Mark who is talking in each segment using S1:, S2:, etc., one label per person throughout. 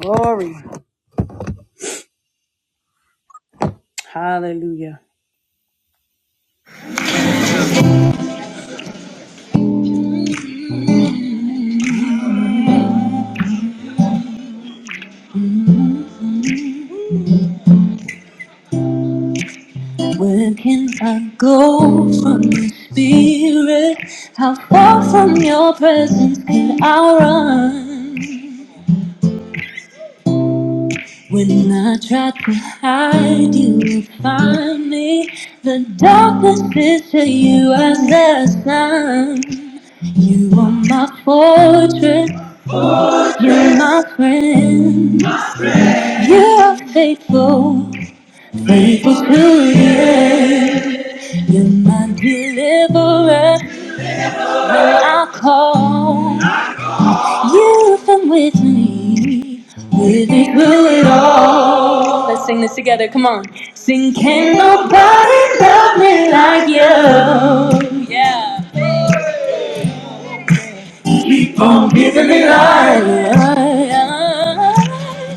S1: Glory. Hallelujah. Where can I go from your spirit? How far from your presence can I run? When I try to hide, you will find me. The darkness is to you as the sun. You are my fortress, you're my friend. You are faithful, faithful to the end. You're my deliverer when I call. You've been with me, with me through it all. Let's sing this together. Come on. Sing, can nobody love me like you? Yeah. Keep on giving me life.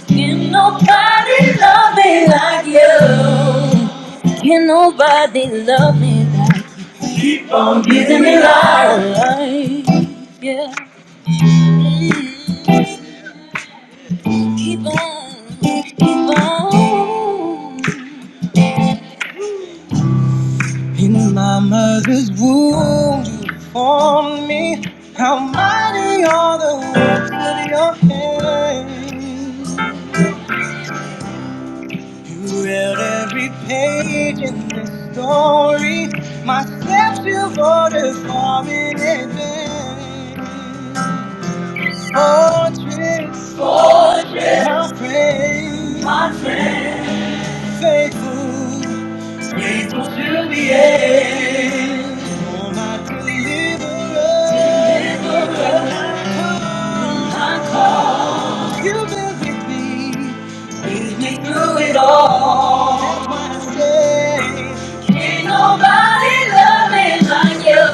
S1: Can nobody love me like you? Can nobody love me like you? Keep on giving me life. Yeah. Mm, Keep on, keep on. In my mother's womb, you formed me. How mighty are the works of your hands. You read every page in this story. My steps you've ordered for me in advance. Fortress And I'll praise my faithful, faithful to the end. Oh, my deliverer, deliverer. You've been with me, lead me through it all. That's why I say, can nobody love me like you.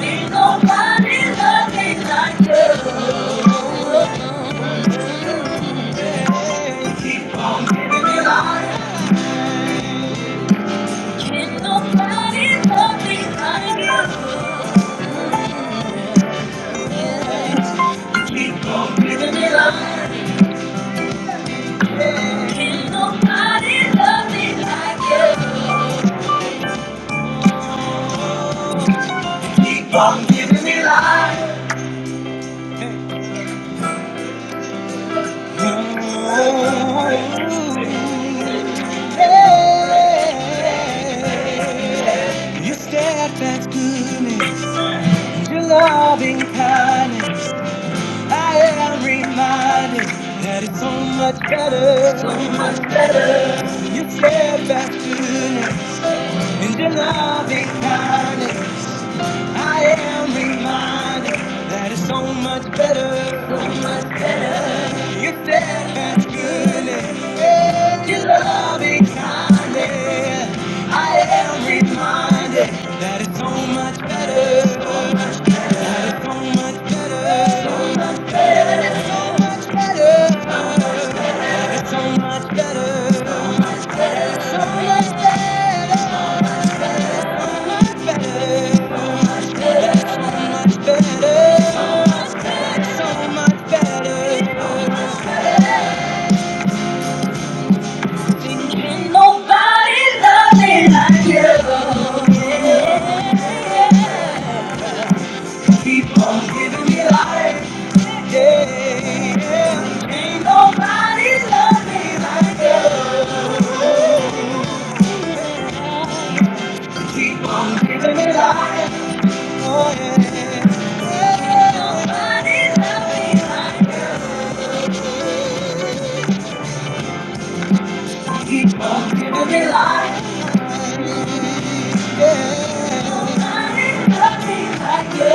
S1: can nobody love me like you. can nobody love me like you. Giving me life. can nobody love me like you. Keep on giving me life. Hey, your steadfast goodness, your loving kindness. I am reminded that it's so much better. So much better. Your steadfast goodness and your loving kindness. I am reminded that it's so much better. You said good. goodness. Your loving kindness. I am reminded that it's so much better. That it's so much better. So much better. It's so much better. So much better. So much better. so much better, so much better. Ain't nobody love me like you. Keep on giving me life. Yeah, yeah. Ain't nobody love me like you. Keep on giving me life. Oh, yeah. Nobody Giving me life. Love me like you.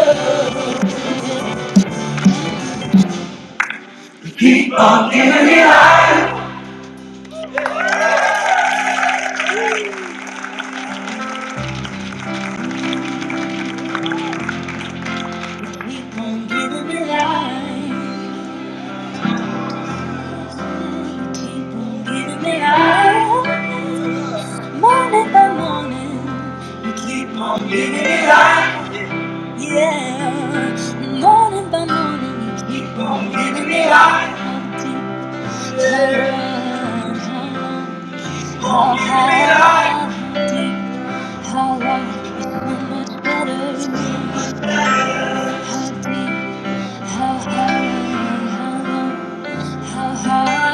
S1: Keep on giving me life. Keep on giving me life. Morning by morning. You keep on giving me life. Yeah. Morning by morning. You keep on giving me life. Your love is so much better than what How high, how low, how high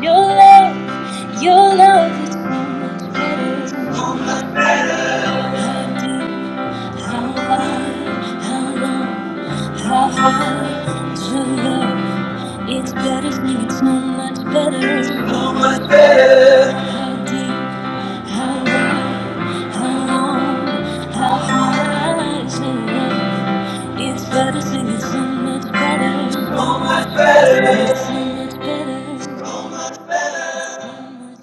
S1: your love? It's better than it's so much better. How deep, how wide. It's better singing so much better. So much better. So much better. So much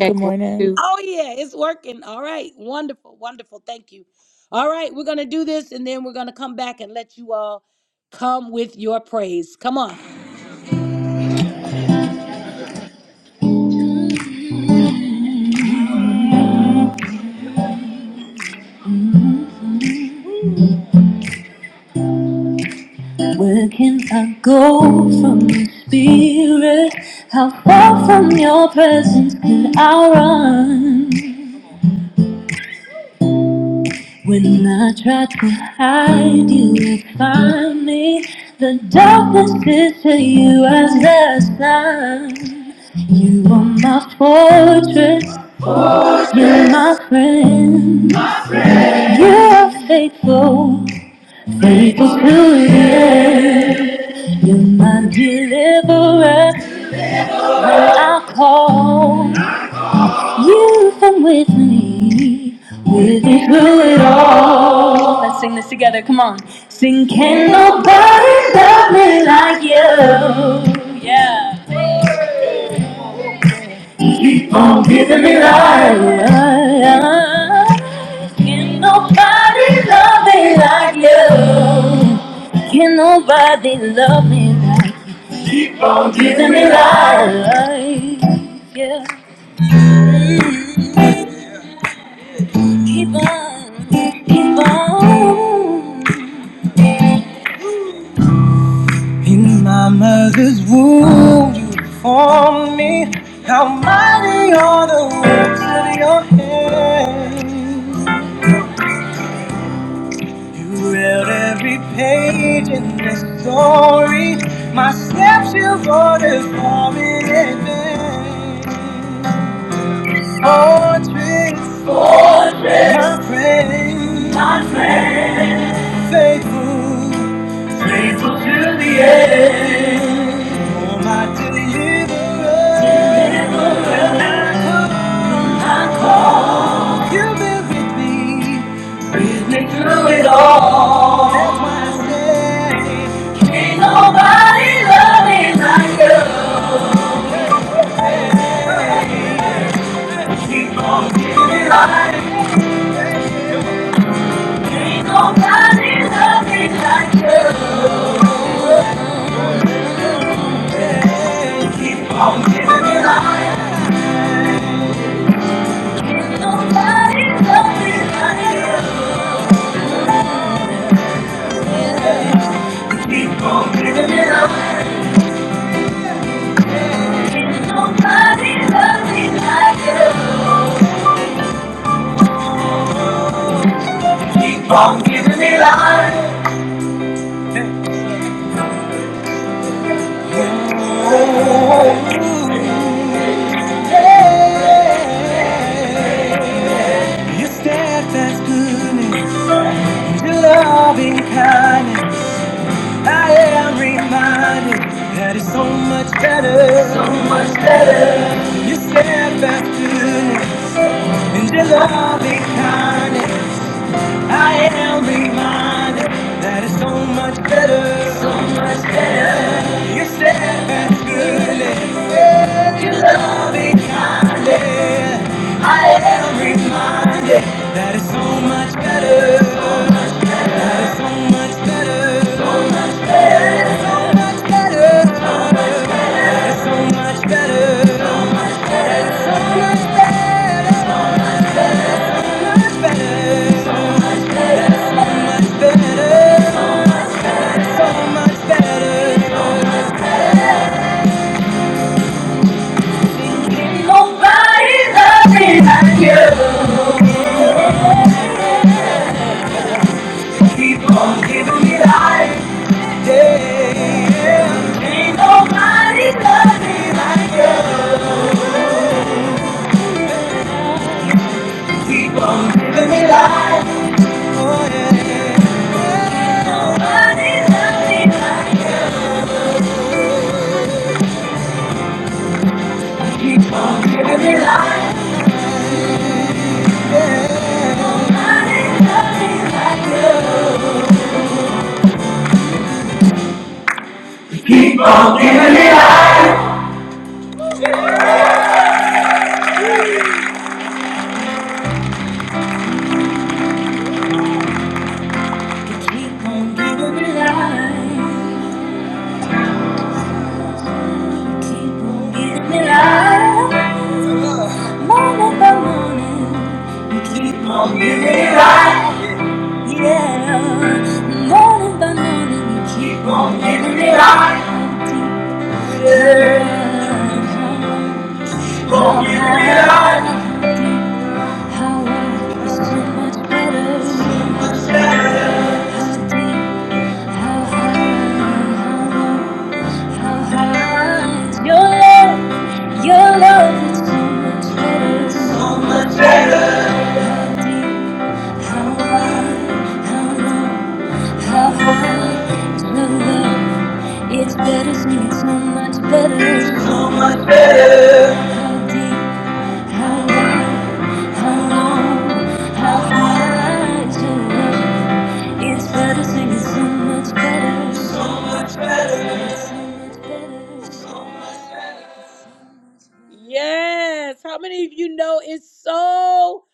S2: Good
S3: one,
S2: morning.
S3: two.
S1: better. Where can I go from your spirit? How far from your presence can I run? When I try to hide you, you find me. The darkness is to you as the sun. You are my fortress, you're my friend. You are faithful, faithful to the end. You're my deliverer, when I call. You come with me. With me through it all. Let's sing this together. Come on. Sing, can nobody love me like you? Yeah. Taking me like Can nobody love me like you? Can nobody love me like you? Giving me life. Yeah. Mm, Keep on, keep on. In my mother's womb, you formed me. How mighty are the works of your hands. You read every page in this story. My steps you've ordered for me in advance. Fortress, my friend, my faithful, all my deliverer. You've been with me. That's why I say. Nobody loves me like you. Nobody loves me like you. Nobody loves me like you. Keep on giving me life. Ooh, yeah. Your steadfast goodness, your loving kindness. I am reminded that it's so much better, so much better. Your steadfast goodness and your loving kindness. I am reminded that it's so much better. So you said that's good. and You love me kindly. I am reminded that it's so much better. That it's so much better. So much better. That it's so much better. So much better. So much better. So much better. So much better. So much better. Nobody loves me like keep on giving me life. Yeah. nobody loves me like you. Keep on giving me life. Oh, yeah. Nobody loves me like you. Keep on giving me life. Keep on giving me life. Keep on giving me life. Morning by morning. You keep on giving me life. Yeah, morning by morning, you keep on giving me life. Yeah, keep on giving me life. How I is so much better. How deep, how high, how low, how high is your love? Your love is so much better. How deep, how high, how low, how high is your love? It's better singing so much better. How deep, how wide, how long, how high is your love? It's better singing so much better. So much better. So much better. So much better. Yes. How many of you know it's so?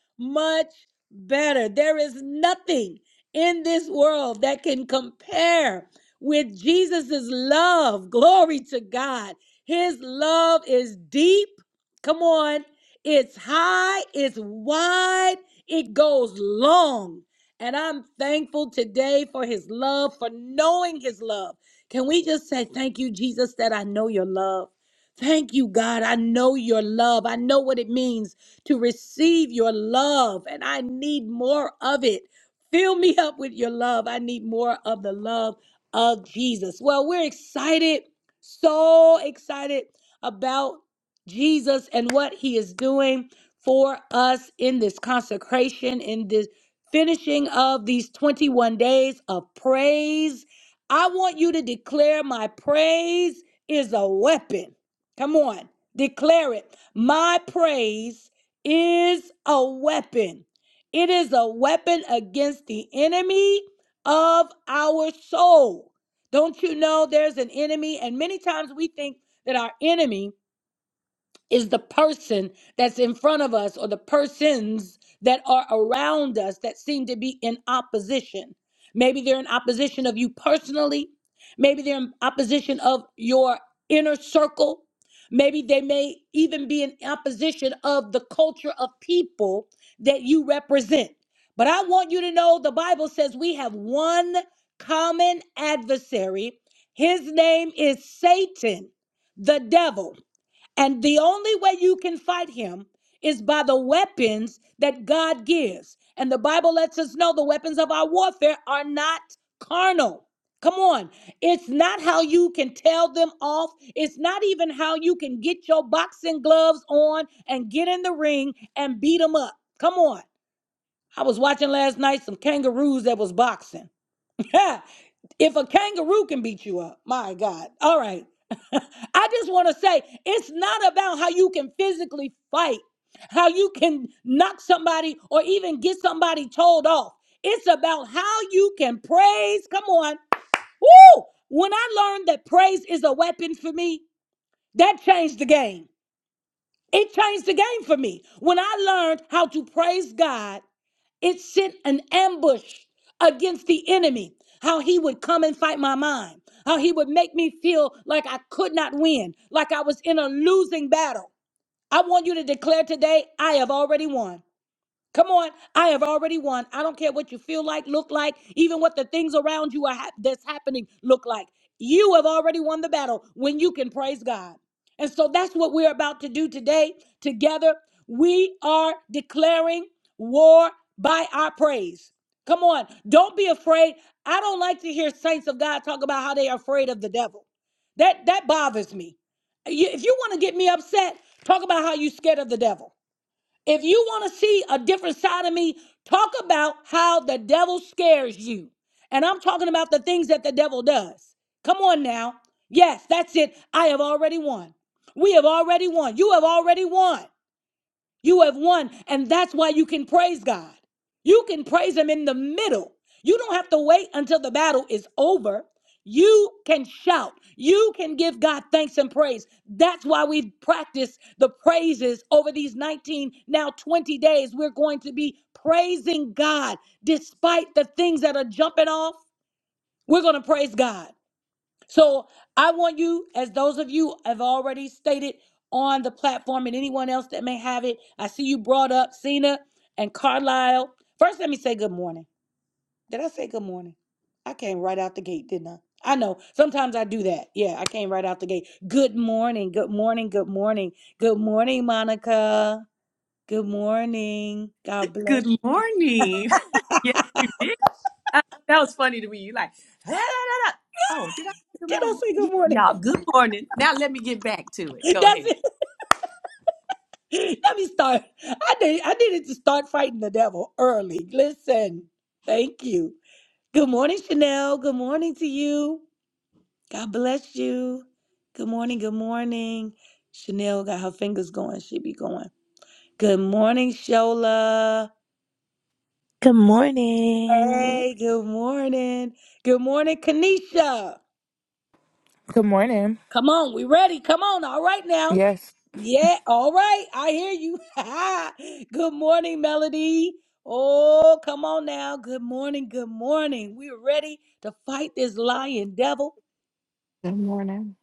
S3: Good morning. Yes, you did. Uh, that was funny to me. You like, "Ah, da, da, da." oh, did I say good morning? Yeah, y'all, good morning. Now let me get back to it. Go ahead.
S4: Good morning.
S2: Good morning. Yes.
S5: Good morning.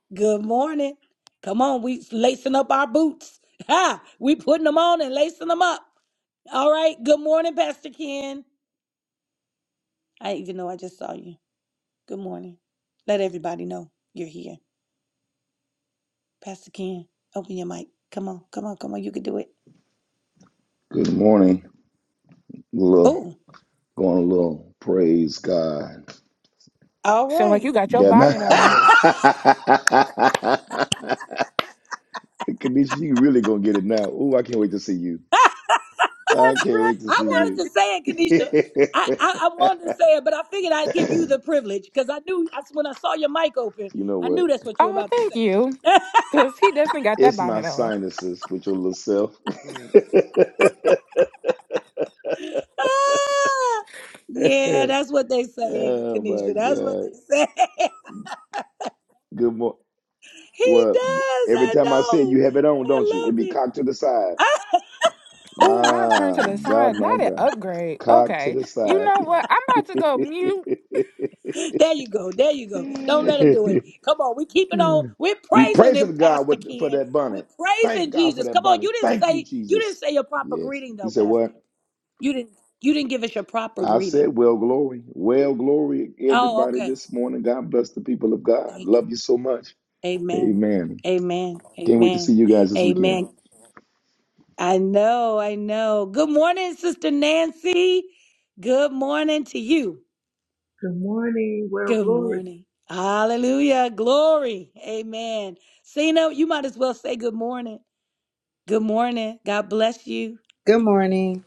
S6: Good morning. Little going a little praise God.
S2: Sound like you got your
S6: God man.
S2: bonnet on.
S6: Kanisha, you really gonna get it now. Ooh, I can't wait to see you. I
S3: That's
S6: can't
S3: right.
S6: wait to see
S3: That's
S6: you.
S3: good.
S6: you know what?
S2: Oh, thank you. Cause he definitely got that
S6: It's my
S2: bonnet on.
S6: sinuses with your little self. oh my God. Good morning. Well, every time I say it, you have it on, don't you? It be cocked to the side.
S2: Oh, not turn to
S6: My
S2: the
S6: God,
S2: side.
S6: my
S2: Not an
S6: God.
S2: upgrade.
S6: Cock to
S2: Okay.
S6: the
S2: You
S6: side.
S2: know what? I'm about to go mute.
S6: we praising God with, for that bonnet. Thank God for that bonnet. Thank you, Jesus. Yes. You said what? I said, well, glory. Well, glory, everybody, this morning. God bless the people of God. Love you so much. Amen. Can't wait to see you guys this weekend.
S7: Good morning. Well, glory
S8: Good morning.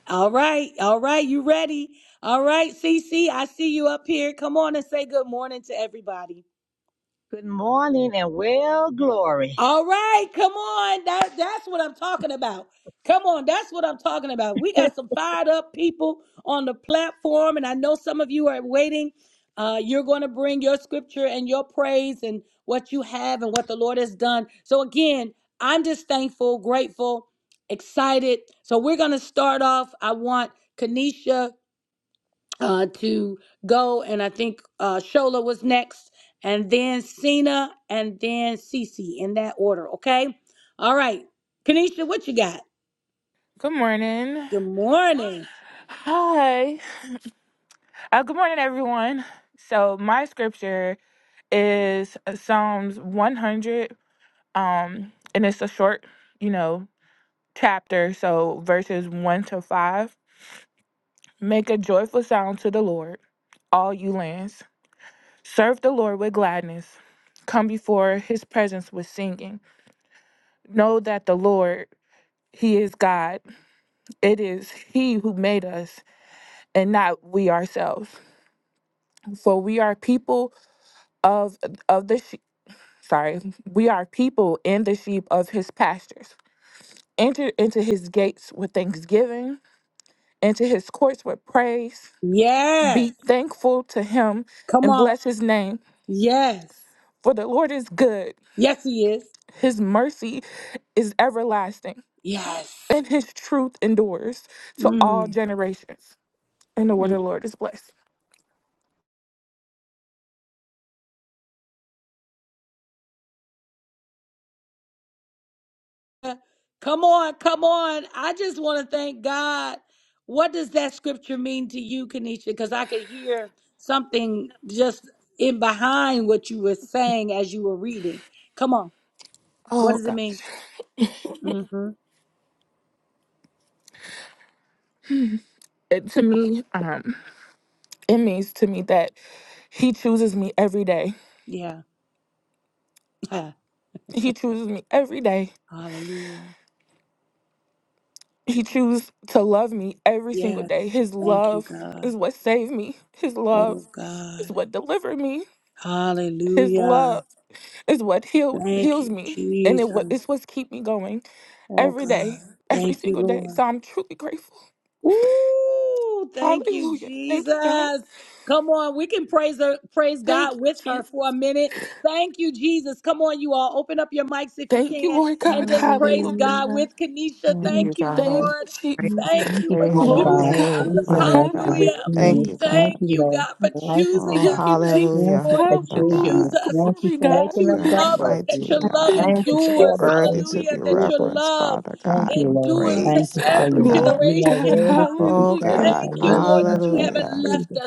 S9: Good morning and well glory.
S2: Good morning. Hi. Uh, good morning, everyone. So my scripture is uh, Psalms 100. Um, and it's a short, you know, chapter. So verses one to five. Make a joyful sound to the Lord, all you lands. Serve the Lord with gladness. Come before his presence with singing. Know that the Lord, he is God. It is he who made us and not we ourselves. For we are people of of the sheep. Sorry, we are people in the sheep of his pastures. Enter into his gates with thanksgiving, into his courts with praise. Be thankful to him and bless his name. For the Lord is good, his mercy is everlasting, and his truth endures to all generations. And the word of the Lord is blessed. Oh gosh. It, to me, um, it means to me that he chooses me every day. He chooses me every day. He chooses to love me every single day. His love is what saved me. His love is what delivered me. His love is what healed heals me. And it what it's what's keep me going. every day, every single day. So I'm truly grateful. Hallelujah. Thank you, God. Thank you, Jesus. Thank you, Lord God. Hallelujah.
S4: Hallelujah.
S3: You
S5: Thank
S4: Thank
S5: you,
S4: you
S2: Thank
S5: God.
S2: you,
S3: praise
S5: Just
S2: Jesus.
S9: Thank you,
S5: praise
S4: for
S9: Father
S5: your
S2: Glory,
S9: God.
S2: God.
S5: name,
S9: Thank
S3: you,
S9: you,
S3: yes,
S5: Father
S9: Lord, for
S5: God.
S9: your
S2: Hallelujah.
S5: Thank
S9: kindness.
S4: faith
S5: you,
S9: Thank
S5: God.
S9: you, Lord.
S4: of
S3: Lord.
S9: Thank you,
S5: Oh,
S9: Father.
S2: Thank you, Jesus.
S9: Thank
S5: hallelujah,
S9: you for
S5: Father
S2: Hallelujah.
S9: choosing us.
S5: God.
S9: Thank you
S2: Glory,
S9: for
S2: God.
S9: waking us
S5: You're a
S9: up, Lord
S5: mighty
S9: Jesus.
S5: God,
S2: Thank
S4: God.
S9: Thank
S2: you,
S9: you for
S2: Jesus.
S9: all the
S5: worthy
S9: things that
S5: to be
S9: you do for us.
S5: reverenced, Father
S4: Thank
S9: Thank
S5: God,
S4: you
S9: you,
S5: and
S9: Lord.
S4: for
S9: Thank
S5: praised,
S9: you for
S5: Father
S9: your word.
S5: God.
S2: Glory,
S9: You are
S2: God.
S4: your love.
S9: worthy to be
S5: Oh,
S2: Hallelujah.
S9: praised.
S5: God,
S9: Hallelujah. Thank you,
S5: hallelujah.
S4: Because
S9: Jesus.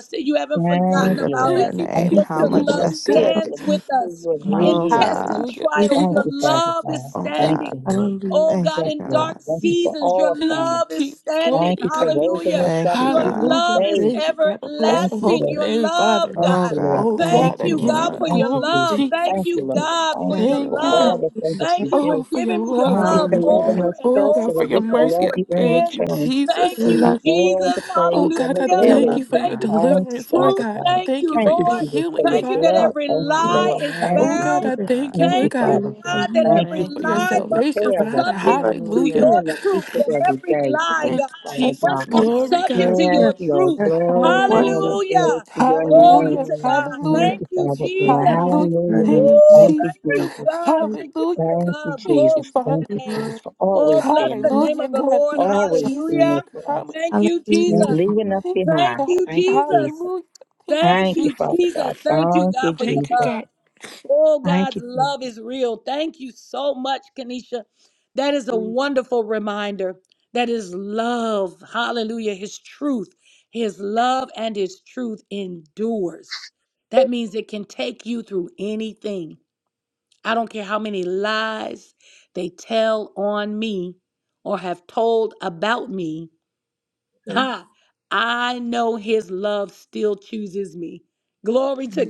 S5: We
S9: Thank you,
S5: lift up
S9: Lord.
S5: your
S2: Thank you,
S9: Thank
S5: name.
S4: thank
S9: you for
S2: Jesus.
S5: How
S4: you, Lord,
S9: keeping us
S2: Glory,
S9: still
S2: God.
S5: majestic.
S4: for
S9: so that we can see you and
S4: my
S5: Oh,
S9: hear you.
S5: God.
S2: Hallelujah. Thank
S9: Thank
S2: you,
S4: faithful.
S9: you,
S2: Jesus.
S9: Father God.
S5: Oh,
S2: Thank
S9: Thank
S5: God.
S9: you.
S2: you.
S9: Lord.
S4: Hallelujah.
S5: Thank
S9: Yes,
S5: you,
S9: Lord.
S5: God.
S9: Thank you
S4: Thank
S9: for all
S2: Thank you,
S9: things.
S2: Jesus. Glory
S9: Thank
S2: to
S9: you for
S2: God.
S9: raising us
S5: Thank
S9: up
S5: you,
S9: so we can
S5: God.
S2: Hallelujah.
S9: praise.
S2: Thank you, God. I bless
S9: Thank
S2: your
S9: you,
S2: holy
S9: Lord.
S2: name, Father.
S9: Thank
S5: Oh,
S9: you, Lord.
S5: God.
S2: Oh,
S9: Thank
S2: God,
S5: Thank
S9: you,
S2: I
S5: you,
S2: give
S9: Lord.
S2: you the
S5: Lord.
S9: Thank you,
S2: glory,
S9: Jesus. Thank
S2: Jesus.
S9: you, Lord. Thank you
S5: Thank you,
S9: for
S2: Thank you,
S5: Lord.
S9: all
S2: God.
S9: the things that
S4: you
S9: you do.
S2: Oh, for your love,
S9: Thank you for
S2: God.
S5: Hallelujah.
S9: loving
S4: Lord,
S9: us
S2: Oh,
S9: first so
S2: God, for
S9: that
S2: your
S9: we can
S2: mercy.
S9: love
S2: I
S9: you in
S2: thank you,
S9: return.
S4: for
S2: Jesus.
S4: your
S9: Give
S4: love.
S9: you all
S4: Thank you
S9: the
S2: Oh,
S9: praise
S5: Thank
S9: and
S2: God,
S9: the
S2: I
S4: For your
S2: thank
S9: glory.
S4: love.
S2: you for
S5: you,
S2: your
S5: God.
S9: Thank you,
S2: deliverance, Lord
S9: Father
S2: God. I
S9: God.
S4: Thank
S2: thank you for
S9: Thank
S5: Thank
S2: your
S9: you,
S5: you,
S4: you,
S5: God.
S9: Jesus, for
S2: healing,
S9: your
S4: It's
S2: Father.
S9: blood. Thank
S5: We
S9: you,
S5: honor
S4: possible.
S5: your
S9: Lord. Thank
S5: name,
S4: Father,
S2: Oh,
S9: you.
S2: God, I
S5: Father
S4: Father.
S5: God.
S2: thank you,
S9: Thank
S2: Lord
S9: you,
S4: Thank you,
S2: God,
S9: Father
S4: Lord, that
S9: God.
S4: you have
S9: Thank you
S5: Thank
S2: for
S9: for
S2: your
S5: you.
S4: given us
S9: taking
S2: salvation,
S9: care of us,
S2: Father.
S9: Lord
S4: life. It
S2: Hallelujah.
S9: seeing
S5: Hallelujah.
S9: us each and
S4: is
S9: every day. Thank you,
S2: Thank you,
S9: Father
S4: not
S5: Thank
S2: Jesus.
S9: God.
S5: you, God.
S2: Glory, God.
S4: possible.
S9: Yes,
S4: Yes.
S9: Lord. Glory,
S4: What
S9: glory,
S2: Hallelujah.
S4: is
S9: glory to your name.
S2: Hallelujah.
S5: Hallelujah.
S4: yours?
S9: Thank
S2: Hallelujah.
S9: you, Father
S4: I
S9: God.
S4: think
S2: Hallelujah.
S9: Hallelujah.
S2: Thank
S9: And
S2: you,
S4: eternally you
S9: thank you,
S2: Jesus.
S9: Jesus.
S4: are.
S2: Hallelujah. God.
S9: Thank you,
S2: Thank you,
S9: Jesus.
S2: Father.
S9: Thank you, Jesus,
S4: Lord.
S9: for always being there,
S2: Hallelujah, God. Thank you,
S9: always being there
S2: Jesus.
S9: for
S2: Hallelujah.
S9: us, not
S4: Hallelujah.
S9: leaving us
S2: Thank you,
S9: behind.
S2: God.
S9: Thank you, Jesus.
S2: Hallelujah. Thank you,
S9: Thank you,
S2: Jesus.
S9: Father God. Thank you,
S2: Thank you,
S9: Jesus.
S2: God.
S9: Thank you, Jesus.
S7: to you. Thank you.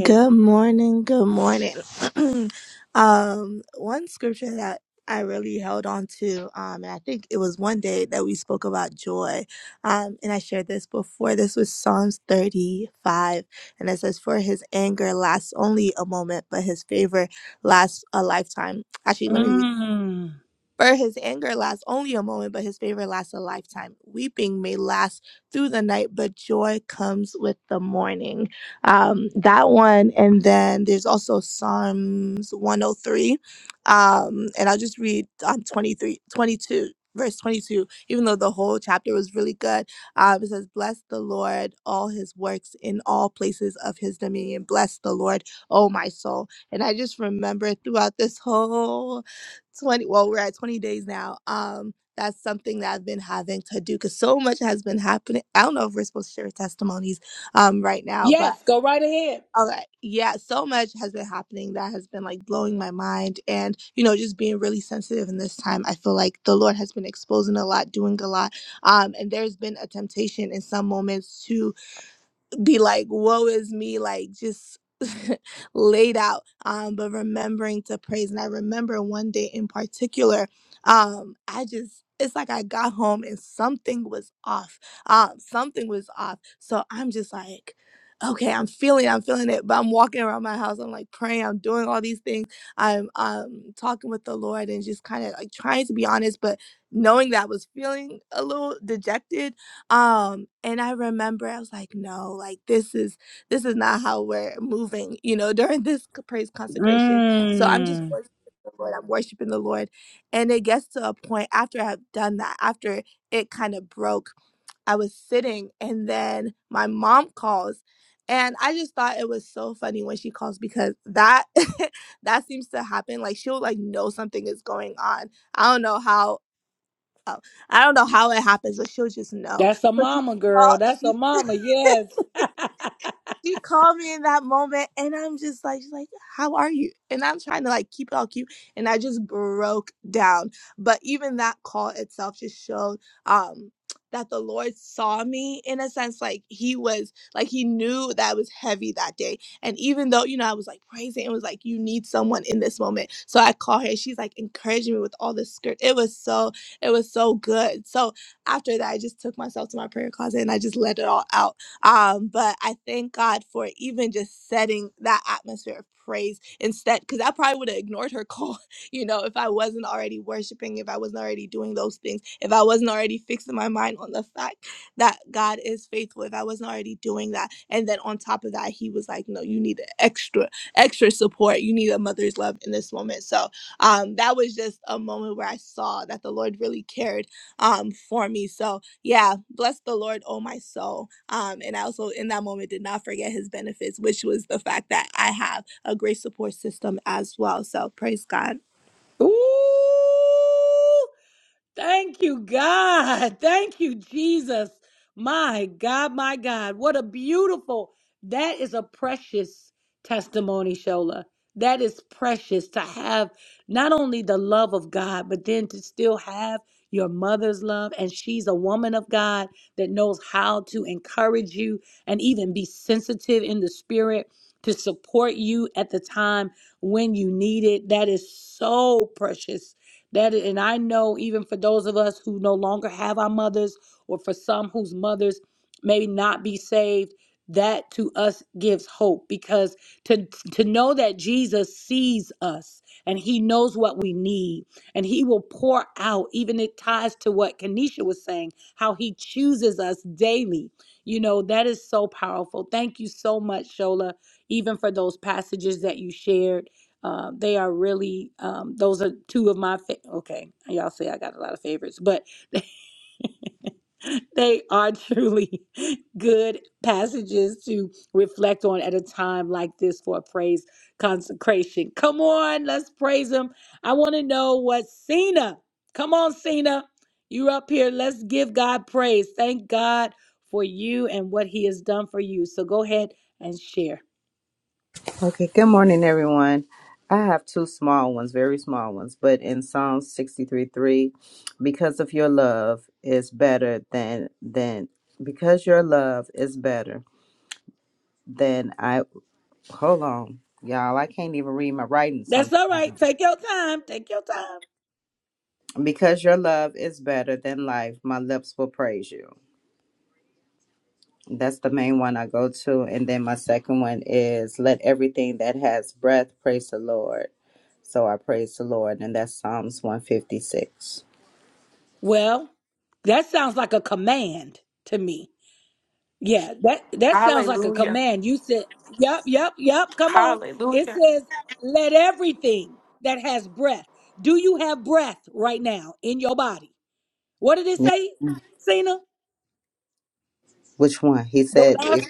S4: Good morning. Good morning. um, one scripture that I really held on to, um, and I think it was one day that we spoke about joy. Um, and I shared this before. This was Psalms 35, and it says, For his anger lasts only a moment, but his favor lasts a lifetime. Actually, let me read that. For his anger lasts only a moment, but his favor lasts a lifetime. Weeping may last through the night, but joy comes with the morning. Um, that one, and then there's also Psalms 103, um, and I'll just read um, 23, 22. Verse 22, even though the whole chapter was really good, um, it says, Bless the Lord, all his works in all places of his dominion. Bless the Lord, oh my soul. And I just remember throughout this whole 20 well we're at 20 days now um that's something that i've been having to do because so much has been happening i don't know if we're supposed to share testimonies um right now but all right yeah so much has been happening that has been like blowing my mind and you know just being really sensitive in this time i feel like the lord has been exposing a lot doing a lot um and there's been a temptation in some moments to be like, woe is me, like just laid out, um, but remembering to praise. And I remember one day in particular, um, I just, it's like I got home and something was off. Um, something was off. So I'm just like, okay, I'm feeling, I'm feeling it. But I'm walking around my house. I'm like praying. I'm doing all these things. I'm um talking with the Lord and just kind of like trying to be honest, but knowing that I was feeling a little dejected um and i remember i was like no like this is this is not how we're moving you know during this c- praise consecration so i'm just worshiping the lord i'm worshiping the lord and it gets to a point after i've done that after it kind of broke I was sitting and then my mom calls and I just thought it was so funny when she calls because that that seems to happen like she'll like know something is going on. I don't know how Oh, I don't know how it happens, but she'll just know. But she, oh, she she called me in that moment and I'm just like, she's like, how are you? And I'm trying to like keep it all cute. And I just broke down. But even that call itself just showed um that the Lord saw me in a sense, like he was like he knew that I was heavy that day. And even though, you know, I was like praising, it was like, you need someone in this moment. So I call her, she's like encouraging me with all this skirt. It was so, it was so good. So after that, I just took myself to my prayer closet and I just let it all out um, but I thank God for even just setting that atmosphere of praise instead, because I probably would have ignored her call, you know, if I wasn't already worshiping, if I wasn't already doing those things, if I wasn't already fixing my mind on the fact that God is faithful, if I wasn't already doing that. And then on top of that, he was like, no, you need extra, extra support. You need a mother's love in this moment. So um, that was just a moment where I saw that the Lord really cared um, for me. So yeah, bless the Lord, oh my soul. Um, and I also in that moment did not forget his benefits, which was the fact that I have a great support system as well. So praise God.
S8: Okay, good morning, everyone. I have two small ones, very small ones, but in Psalms 63 3, because of your love is better than, than, because your love is better than I, hold on, y'all, I can't even read my writing. Some, because your love is better than life, my lips will praise you. That's the main one I go to. And then my second one is let everything that has breath praise the Lord. So I praise the Lord. And that's Psalms 156.
S2: Hallelujah. Hallelujah.
S8: Yeah. Which one? He said, if-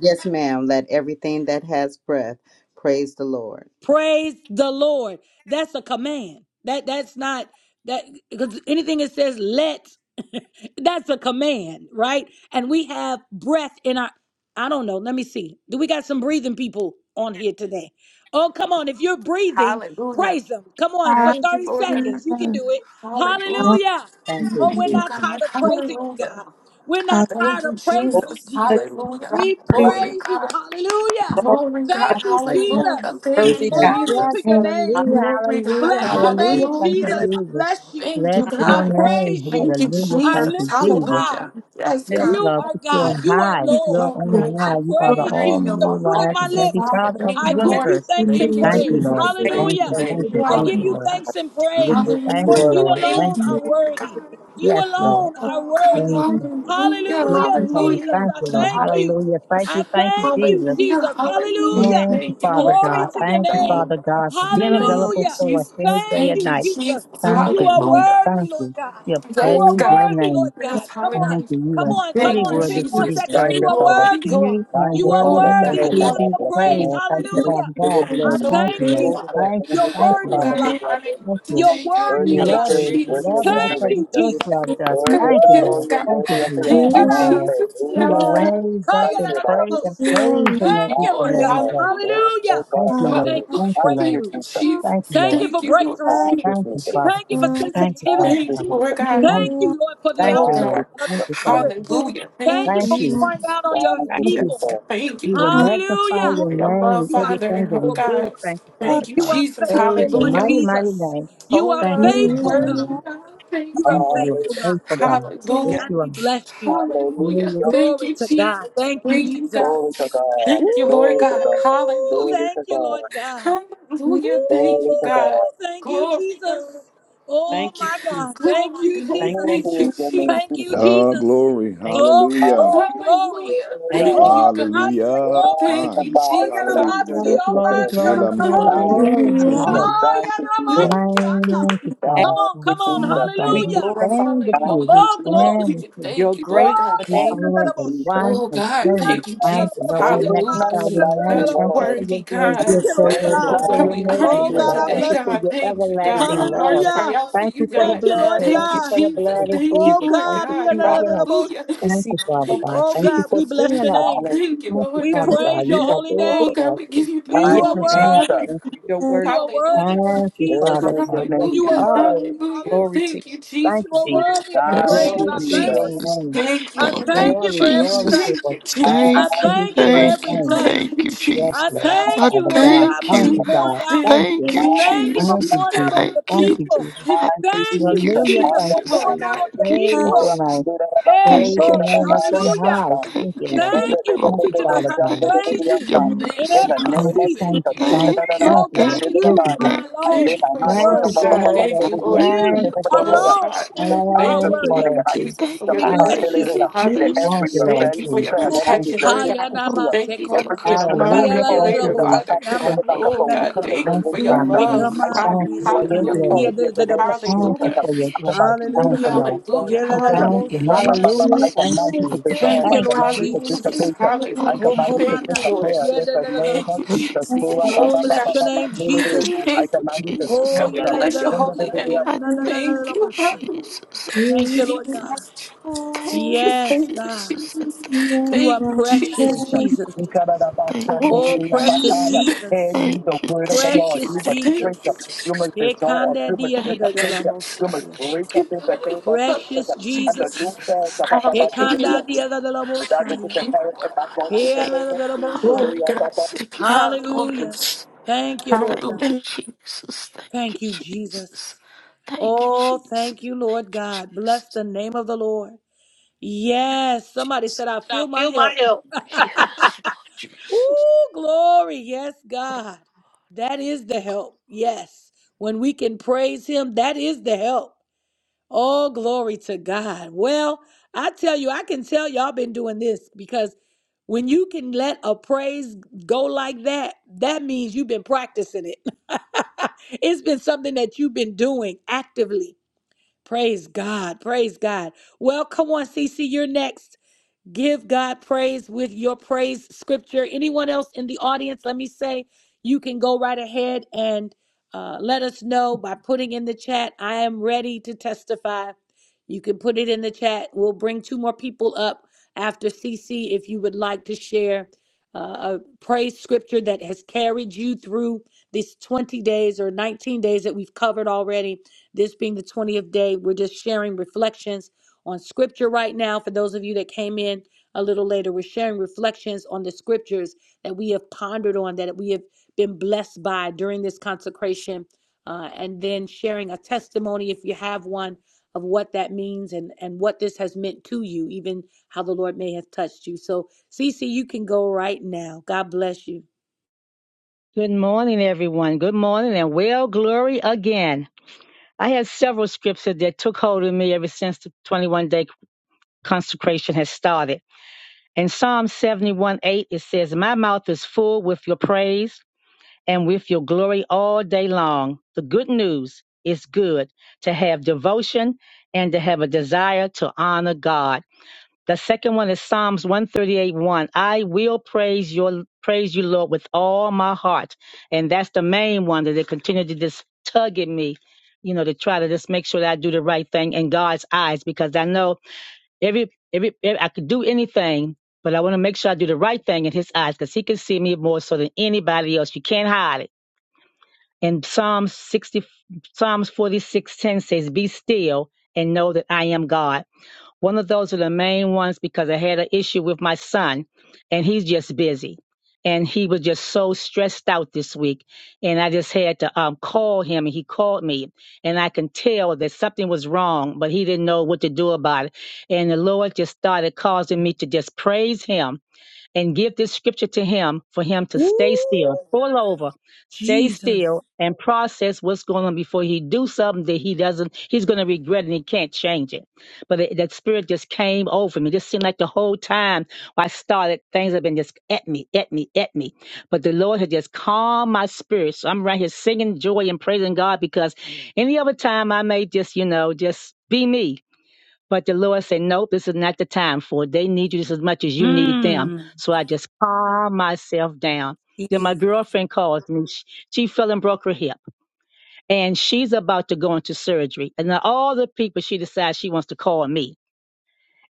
S8: Yes, ma'am. Let everything that has breath praise the Lord.
S2: Hallelujah.
S4: Hallelujah.
S2: Thank you, Lord God. Hallelujah.
S4: Hallelujah.
S8: Thank you,
S2: Thank you,
S4: Thank
S8: Jesus.
S2: God.
S4: you,
S2: Hallelujah.
S4: God.
S2: Thank you,
S3: Glory
S2: Jesus.
S3: to
S4: Bless
S2: Hallelujah.
S3: God. Hallelujah.
S2: Glory,
S4: you,
S2: God. Glory,
S3: Glory to God.
S2: God.
S4: God. Bless you.
S2: Hallelujah. Thank
S8: Yes,
S3: Worthy
S2: you,
S8: God, we praise
S3: God.
S9: Yes,
S2: Jesus.
S4: Thank you,
S9: hallelujah,
S2: Glory, God.
S9: hallelujah,
S8: you.
S9: hallelujah. Thank you,
S2: Hallelujah.
S3: Hallelujah.
S4: Lord. Thank
S9: Jesus.
S2: Thank you,
S9: Bless your
S2: God.
S3: Hallelujah.
S9: name.
S2: Thank you,
S9: Hallelujah. Thank
S2: Jesus.
S9: you,
S4: you.
S9: Jesus.
S2: Hallelujah. Yes,
S9: Yes,
S2: God.
S9: Lord,
S3: Hallelujah.
S9: put you
S8: God.
S9: on high. You're
S2: Oh,
S4: Thank
S2: God.
S4: you.
S9: on
S3: Oh,
S2: You're
S9: high. You are
S4: Sure.
S9: the
S2: worthy
S9: almighty,
S2: of all the
S3: all
S9: wise, and
S2: praises,
S9: heavy
S2: Father.
S9: God
S4: Thank
S9: of the
S2: Thank
S4: you,
S2: you,
S4: God.
S3: bless
S2: Lord.
S9: universe.
S4: In
S3: the name.
S2: Thank you,
S9: Thank you, Lord.
S2: Jesus.
S3: Thank
S2: Thank
S9: Thank
S2: you.
S9: you,
S2: Thank
S9: thank you,
S2: you.
S9: thank you, Lord.
S2: Hallelujah.
S8: We give you
S9: Thank
S2: Hallelujah.
S9: you,
S8: glory.
S9: Lord.
S2: Thank
S9: Thank
S2: you,
S9: you.
S2: Lord God.
S9: Yes, Lord.
S2: Oh, God,
S9: Thank you.
S2: hallelujah,
S9: Yes, you are.
S2: hallelujah,
S9: Thank you, Lord.
S2: hallelujah,
S9: Hallelujah. Thank you, thank you, Jesus.
S2: hallelujah, hallelujah.
S4: Thank you,
S9: Thank you,
S2: Thank you,
S9: Father
S2: Lord
S9: God.
S2: God,
S9: Thank you,
S4: God.
S9: Father
S2: hallelujah.
S9: God, for
S4: Thank
S9: being
S2: Thank you,
S9: available for us any
S2: Jesus.
S9: day and
S2: Thank you,
S9: night.
S2: Jesus.
S9: Thank you, God.
S2: Hallelujah.
S9: Thank you. We
S2: Yes,
S9: praise
S2: God.
S9: your name.
S2: Yes,
S9: Thank
S2: hallelujah.
S9: you. You are
S10: you,
S9: truly
S2: Thank you,
S10: Father.
S9: worthy to be
S2: Jesus.
S10: Thank
S9: praised.
S10: you, Father.
S2: Glory, glory,
S9: You are
S10: Thank you, Father.
S2: glory,
S9: worthy
S2: God.
S10: Thank
S8: Oh,
S10: you,
S9: to
S10: Father.
S9: be
S2: Hallelujah.
S10: Bless your
S9: praised.
S10: name.
S9: Thank you, Father God.
S10: And
S8: Lord.
S10: to you
S2: So
S9: Thank you,
S2: worthy,
S9: Lord.
S4: you.
S10: only the
S2: Father.
S9: Thank you.
S10: enemy to
S9: Thank
S10: the
S9: you,
S2: Oh,
S9: Lord.
S10: Father
S2: God,
S10: and
S2: I
S10: Lord.
S2: honor you
S9: Thank you.
S2: today, God.
S9: We
S10: Worthy
S2: Thank
S10: of the
S2: you,
S9: love
S10: praise,
S9: you. We
S10: worthy of
S9: love
S2: Jesus.
S10: the
S9: you because you
S10: adoration,
S9: first loved us.
S10: worthy
S2: God.
S10: of
S9: Thank
S10: the
S9: you,
S10: glory,
S2: Yes,
S9: Lord.
S10: and
S2: God.
S9: Thank you,
S10: worthy of the
S9: Jesus.
S2: Thank
S10: honor.
S2: you,
S9: Thank you, Lord.
S2: Jesus.
S9: We
S2: Yes,
S9: will
S10: Hallelujah.
S2: God.
S9: raise up
S10: Thank
S9: and
S10: you, Lord.
S9: pray and praise Him
S2: Thank
S9: like
S2: you,
S9: each
S10: Thank
S9: and
S2: Lord.
S10: you,
S9: every
S10: Lord.
S9: day.
S10: There
S2: Hallelujah.
S10: is no God
S9: Thank you,
S10: like
S9: Lord.
S10: you.
S2: Hallelujah.
S9: Thank you,
S10: Thank you,
S9: Lord.
S2: Thank you,
S10: Jesus.
S9: Thank you,
S2: Jesus.
S9: Lord.
S2: Thank you, Lord.
S10: Thank
S2: Thank
S10: you,
S2: you,
S9: Thank you,
S10: Jesus.
S9: Father
S2: Jesus.
S9: God. Thank you, Father
S10: Thank you,
S2: Thank
S9: God.
S2: you, Lord
S10: Jesus.
S2: God.
S9: Thank you. Thank
S2: Oh,
S9: you,
S10: Thank you,
S9: Lord.
S2: God.
S9: Thank
S10: Jesus.
S9: you, Father God.
S2: Hallelujah. Thank you,
S9: Thank you.
S2: Jesus.
S10: Thank you,
S9: Thank you.
S2: Yes, God.
S10: Jesus.
S2: thank you,
S9: We will
S2: Lord God.
S9: magnify your
S2: For your love,
S9: name in everything
S2: Father.
S9: that
S2: Oh,
S9: we do.
S2: God.
S9: Thank you, Father
S2: Thank you,
S9: God.
S2: Jesus.
S9: Praise your
S2: Hallelujah.
S9: mighty, mighty name.
S2: Oh
S9: Thank you,
S2: God, you're
S9: Father God.
S2: worthy God, thank
S9: Thank
S2: you,
S9: you.
S2: Lord.
S9: You are faithful
S10: Hallelujah.
S9: God. Yes,
S2: Hallelujah.
S9: you are.
S2: Hallelujah.
S9: Hallelujah.
S10: Hallelujah.
S2: Thank you, Jesus. Thank you, God.
S10: Glory to God.
S2: Thank you, Lord
S10: Glory to
S2: God.
S10: God.
S2: Hallelujah.
S10: Glory to God.
S2: Hallelujah. Thank
S10: Glory
S2: you,
S10: to
S2: God.
S10: God.
S2: Glory, God.
S3: thank you, Jesus.
S2: Glory, God.
S3: Thank you.
S2: Thank
S10: Glory is
S2: you,
S10: your name, Jesus.
S2: Jesus.
S6: Oh, glory.
S3: Thank you.
S10: Hallelujah.
S6: Hallelujah.
S2: Hallelujah.
S3: Thank you.
S2: Thank you, God.
S6: Hallelujah.
S3: Thank you.
S2: Thank
S6: My God.
S2: you,
S10: Magnify,
S2: Jesus.
S10: bless
S6: Hallelujah.
S10: your
S9: Glory,
S10: name,
S2: Hallelujah.
S9: glory,
S10: Jesus.
S6: Yela
S9: glory, glory,
S3: Worthy.
S2: Hallelujah.
S6: Messiah.
S10: Thank you,
S9: glory,
S6: Thank you,
S3: Awesome
S2: Hallelujah.
S10: Jesus.
S9: glory.
S10: Thank
S6: Jesus.
S10: you, Jesus.
S2: Thank you.
S9: Thank you, Father.
S10: Thank you,
S9: God. Father
S10: Jesus.
S9: God,
S3: We
S2: Oh
S9: we
S2: God,
S3: glorify
S9: stand with
S10: Thank
S9: you. We
S2: hallelujah.
S10: you, Jesus.
S9: stand with
S2: Hallelujah.
S9: you.
S3: your
S2: Thank you, Lord
S3: great
S2: God.
S3: your
S9: You are
S3: name,
S10: Thank you,
S9: the
S3: great
S10: Jesus.
S9: one
S2: Oh
S9: and
S2: God,
S9: only
S2: thank you,
S9: Father,
S2: Jesus.
S9: Lord.
S10: There
S9: We
S3: high,
S10: is
S2: Hallelujah.
S10: none
S9: magnify your
S10: like
S9: name.
S10: you,
S2: God, you're
S9: Thank you
S10: Lord.
S9: for your
S2: worthy,
S9: grace.
S2: God.
S8: You're so
S10: There is
S9: Thank
S8: worthy.
S9: you
S2: Oh
S9: for
S2: God,
S9: your
S2: we
S10: none
S2: honor
S10: like
S9: mercy,
S2: you
S10: you,
S2: on
S9: Lord.
S10: Lord.
S9: Thank
S2: today,
S9: you for
S2: God.
S9: your
S2: Thank you, God.
S9: everlasting
S2: Our
S9: love.
S2: hearts
S3: Lord,
S2: cry out for
S9: Thank you
S2: you,
S9: for the
S3: great.
S2: God.
S9: blood.
S8: God.
S2: Thank
S9: Thank
S2: you,
S9: you for the
S2: Jesus.
S3: Your
S9: blood
S3: one
S9: of
S2: Thank you,
S9: Jesus.
S2: Lord
S9: Thank you for
S2: God.
S3: you are.
S9: covering us.
S2: Hallelujah.
S9: Thank
S3: Receive
S9: you, Father
S3: all,
S2: Thank you,
S9: God. Thank you for
S2: Jesus.
S9: seeing us.
S3: all
S2: Thank you,
S10: Hallelujah.
S9: Thank you,
S2: Lord
S9: Father
S2: God.
S9: God. You are there
S2: Oh
S9: for
S2: God,
S9: us.
S2: we
S9: We
S2: give you the
S9: Thank
S3: yes,
S10: Thank
S9: you.
S10: you,
S2: glory,
S9: Thank you.
S2: Father.
S10: Jesus.
S9: Thank you,
S3: you're
S9: Jesus.
S3: worthy.
S2: Hallelujah.
S9: Thank you,
S3: High
S9: Father
S10: Worthy is your
S9: God. Yes,
S10: name,
S9: you
S2: Hallelujah.
S10: Jesus.
S9: are. worthy.
S2: Hallelujah.
S9: Thank
S3: Glory
S9: you,
S3: to you.
S2: Thank you,
S9: Jesus. Thank
S2: Jesus.
S9: you, Jesus.
S10: Thank
S11: Yes,
S10: you,
S2: Thank
S9: Glory
S2: you,
S11: Lord
S9: to
S10: Jesus.
S9: your
S2: Jesus.
S11: Jesus.
S9: name.
S2: Thank you, Lord
S11: Thank
S2: God.
S11: you,
S9: Glory, glory,
S11: Jesus.
S2: Thank
S9: glory.
S2: you,
S9: Thank you for
S10: Hallelujah.
S2: Jesus.
S11: Thank you,
S9: every single
S11: thank you,
S9: thing.
S2: Thank
S11: thank
S2: you,
S11: you,
S9: Yes,
S11: Jesus.
S2: Jesus.
S9: Lord.
S11: I
S9: Father God,
S2: Thank you,
S11: thank
S9: thank
S11: you,
S9: you,
S2: Jesus.
S9: God.
S2: Thank
S9: Thank
S2: you,
S9: you.
S11: thank you,
S10: Thank
S2: Jesus. Jesus.
S10: you, Jesus.
S9: Thank
S11: Jesus.
S9: you,
S11: I
S9: Jesus.
S11: Thank
S2: Thank
S9: Thank
S11: you,
S2: you,
S9: you, Jesus.
S11: I
S10: Thank you,
S11: thank you,
S10: Jesus.
S2: Jesus.
S9: Hallelujah. Thank
S2: Thank you,
S9: you,
S11: Jesus. I
S10: Hallelujah.
S2: Lord
S9: Jesus.
S2: God.
S11: Thank you,
S9: Praise your
S10: Ora
S11: Jesus.
S9: name.
S10: mandura rabakushe
S9: Praise
S11: Thank you,
S9: your name up
S10: rababaria
S2: Thank
S9: and
S11: Jesus.
S9: high.
S10: tata.
S9: Thank you,
S11: Thank you
S9: Lord.
S11: for
S10: In
S11: your
S10: the name of
S9: Thank
S2: you,
S9: you,
S11: glory.
S2: Lord
S9: Father
S10: Jesus,
S2: God.
S10: I
S9: God.
S10: lay
S11: Thank
S10: my
S11: you for your
S10: hands
S2: Thank you,
S11: mercy, God.
S2: Father.
S9: Thank you, thank
S2: Thank you,
S9: you, thank
S2: Jesus.
S9: you,
S11: Thank you,
S9: thank you, Lord.
S11: thank you,
S9: Thank you,
S2: Oh,
S9: Jesus.
S2: God,
S11: thank you,
S2: Thank you for your
S10: to
S9: Thank
S2: love,
S9: you,
S11: Jesus.
S10: the
S2: God.
S9: Jehovah.
S2: Thank you,
S11: Thank
S2: Lord.
S11: you for
S9: Thank
S11: your
S9: you,
S2: Oh
S9: Jehovah.
S11: blessings.
S2: God,
S10: not
S2: thank
S10: this
S9: Thank
S2: you,
S9: you,
S10: morning, and
S9: Lord
S11: Thank
S10: I
S11: you,
S2: Jesus,
S9: Jesus.
S10: speak
S2: for
S10: the
S2: your
S11: thank you,
S9: Thank
S10: Papa
S11: thank
S2: deliverance,
S9: you.
S11: you,
S2: Father.
S10: that
S11: Jesus.
S9: Thank
S10: every
S9: you,
S11: Thank
S9: Lord
S2: Thank
S10: event
S2: you
S11: you,
S2: for your
S9: Jesus.
S10: fell,
S4: are
S11: Jesus.
S10: every
S9: Thank you,
S2: protection,
S10: event
S2: Lord
S10: is
S9: Jesus.
S2: God.
S10: tissue,
S11: Glory
S2: Thank you
S11: be to
S2: for
S10: every
S2: being a
S10: tissue that has
S2: mind
S11: God.
S9: Hallelujah.
S10: fallen
S9: Thank you,
S10: to
S2: regulator,
S10: the
S9: Jesus.
S10: Papa,
S2: Father.
S10: to the
S9: Thank
S11: Glory
S9: you.
S10: back
S11: be
S10: of a
S2: Oh
S11: to
S2: God,
S10: wickedness
S2: thank
S10: in
S9: Thank
S2: you
S10: this
S9: you,
S2: for
S11: God.
S2: your
S9: Father
S10: breath.
S4: Hallelujah.
S9: God.
S2: love.
S10: I
S11: Glory
S2: Ha-
S9: Thank
S10: speak to
S9: you
S11: be
S10: you
S11: to
S9: for
S10: under
S9: your
S10: the
S2: Hallelujah.
S9: glory.
S4: Hallelujah.
S10: authority of the name of
S11: God.
S9: Thank you
S10: Jesus,
S2: Hallelujah.
S9: for your
S11: Hallelujah,
S10: under my
S9: glory.
S11: Je-
S10: word of
S9: Thank
S10: the
S9: you,
S10: living
S9: Lord.
S10: God,
S2: Hallelujah.
S10: spoken.
S9: Thank you.
S2: Hallelujah.
S11: Hallelujah,
S10: Ra-ba-ba-ba-ba.
S9: Hallelujah.
S10: I
S11: Jesus.
S2: Thank you,
S9: Thank
S10: command you
S9: you,
S10: to
S9: Jesus.
S2: Jesus.
S10: dissolve. I
S11: Hallelujah,
S9: Thank
S10: command you to
S2: Hallelujah.
S11: Jesus.
S10: dissipate. I
S2: Hallelujah.
S10: command you to
S11: Hallelujah,
S2: Thank you, Lord.
S10: disappear in
S11: Jesus.
S10: the name
S2: Thank
S10: of
S2: you,
S10: Jesus.
S2: Jesus.
S11: Hallelujah,
S2: Glory to God.
S11: Jesus.
S10: Ra-ba-ba-ba-ba-ba-ba-ba-ba-ba.
S11: Hallelujah,
S10: I
S2: Thank you.
S10: command you to
S2: Lord
S11: Jesus. I
S2: God,
S10: sprint
S2: we
S10: up.
S11: thank,
S2: bless your holy name.
S11: I thank
S2: Thank
S11: you,
S2: you. Help me.
S11: Jesus. I thank
S2: Jesus,
S11: you. I
S2: Jesus,
S11: thank you,
S2: Jesus. Thank you,
S11: Jesus. I
S2: Jesus. Thank you,
S11: thank
S2: Jesus.
S11: you. Thank you,
S2: Oh,
S11: Jesus.
S10: Ra-ba-ba-ba-ba-ba-ba-ba-ba-ba. And you, the
S11: Thank you,
S10: word of the Lord,
S11: thank you,
S10: you must
S2: Jesus.
S11: thank you,
S2: Thank
S10: sprint up.
S2: you, Jesus.
S10: You
S11: Jesus.
S10: must dissolve. You must
S11: Thank you,
S10: dissipate. You must
S11: Jesus. Thank
S10: break
S11: you,
S10: up in the
S11: Lord God.
S10: name of Jesus. And
S11: Thank you,
S10: the new fans,
S11: Jesus. Thank
S2: Hallelujah.
S11: you.
S2: Thank
S10: and that which
S11: Thank
S10: is
S11: you,
S2: you,
S10: inherent
S11: Lord
S10: in
S11: God.
S10: my
S11: I
S10: God, in the
S2: God.
S11: say,
S10: name of
S11: I
S2: Glory,
S11: not my
S2: God.
S10: Jesus.
S11: sick, you God, Lord.
S2: Hallelujah.
S11: Thank you,
S2: Hallelujah.
S11: Jesus. Thank you, Jesus. Thank you, Jesus. Thank you, Jesus. Jesus. Now feel my help. Yes, Lord Jesus.
S9: you. Good morning, everyone. Good morning and well, glory again. I had several scriptures that took hold of me ever since the 21 day consecration has started. In Psalm 71 8, it says, My mouth is full with your praise. and with your glory all day long. The good news is good to have devotion and to have a desire to honor God. The second one is Psalms 138 1. I will praise your praise you, Lord, with all my heart. And that's the main one that they continue to just tug at me, you know, to try to just make sure that I do the right thing in God's eyes, because I know every every, every I could do anything, but I want to make sure I do the right thing in his eyes, because he can see me more so than anybody else. You can't hide it and Psalm 60, Psalms 46:10 says, Be still and know that I am God. One of those are the main ones because I had an issue with my son and he's just busy. And he was just so stressed out this week. And I just had to um, call him and he called me. And I can tell that something was wrong, but he didn't know what to do about it. And the Lord just started causing me to just praise him and give this scripture to him for him to stay still, pull over, stay
S1: Jesus.
S9: still, and process what's going on before he do something that he doesn't, he's going to regret and he can't change it. But it, that spirit just came over me. It Just seemed like the whole time I started, things have been just at me, at me, at me. But the Lord had just calmed my spirit. So I'm right here singing joy and praising God because any other time I may just, you know, just be me but the Lord said, Nope, this is not the time for it. They need you just as much as you need them.
S1: Mmm.
S9: So I just calm myself down. Then my
S1: Jesus.
S9: girlfriend calls me. She, she fell and broke her hip. And she's about to go into surgery. And then all the people she decides she wants to call me.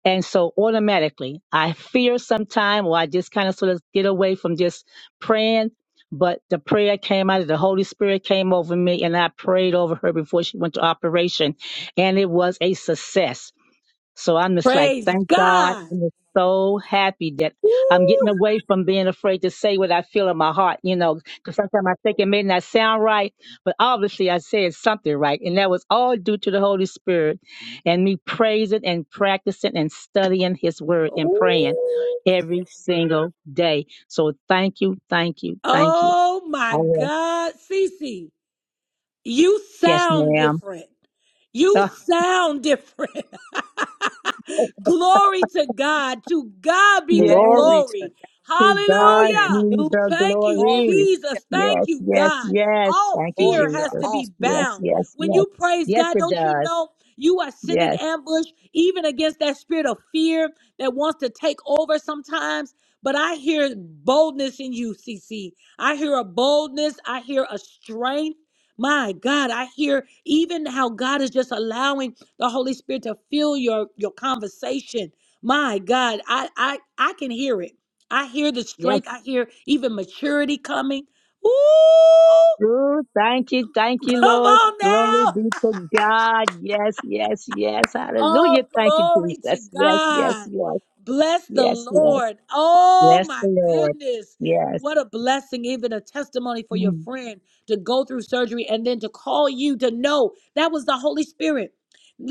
S9: And so automatically I fear sometime or I just kind of sort of get away from just praying. But the prayer came out of the Holy Spirit came over me and I prayed over her before she went to operation. And it was a success so I'm just like, thank God. I'm just so happy that I'm getting away from being afraid to say what I feel in my heart, you know, because sometimes I think it may not sound right, but obviously I said something right. And that was all due to the Holy Spirit and me praising and practicing and studying His Word and praying every single day. So thank you, thank you, thank you. I will. Yes, ma'am. yes.
S3: Glory to God.
S9: To God be
S3: Hallelujah.
S9: the
S3: Glory to
S9: glory.
S3: you,
S9: Yes, yes, yes. Thank you,
S3: Lord. You're
S9: Jesus.
S3: awesome.
S9: Yes, yes, yes. Yes, it does. Yes, yes. Ooh, thank you, thank you, Lord. Glory be to God. Yes, yes, yes. Hallelujah. Thank you, Jesus. Yes, yes, yes. Yes, yes. Bless the Lord. Yes. Mm.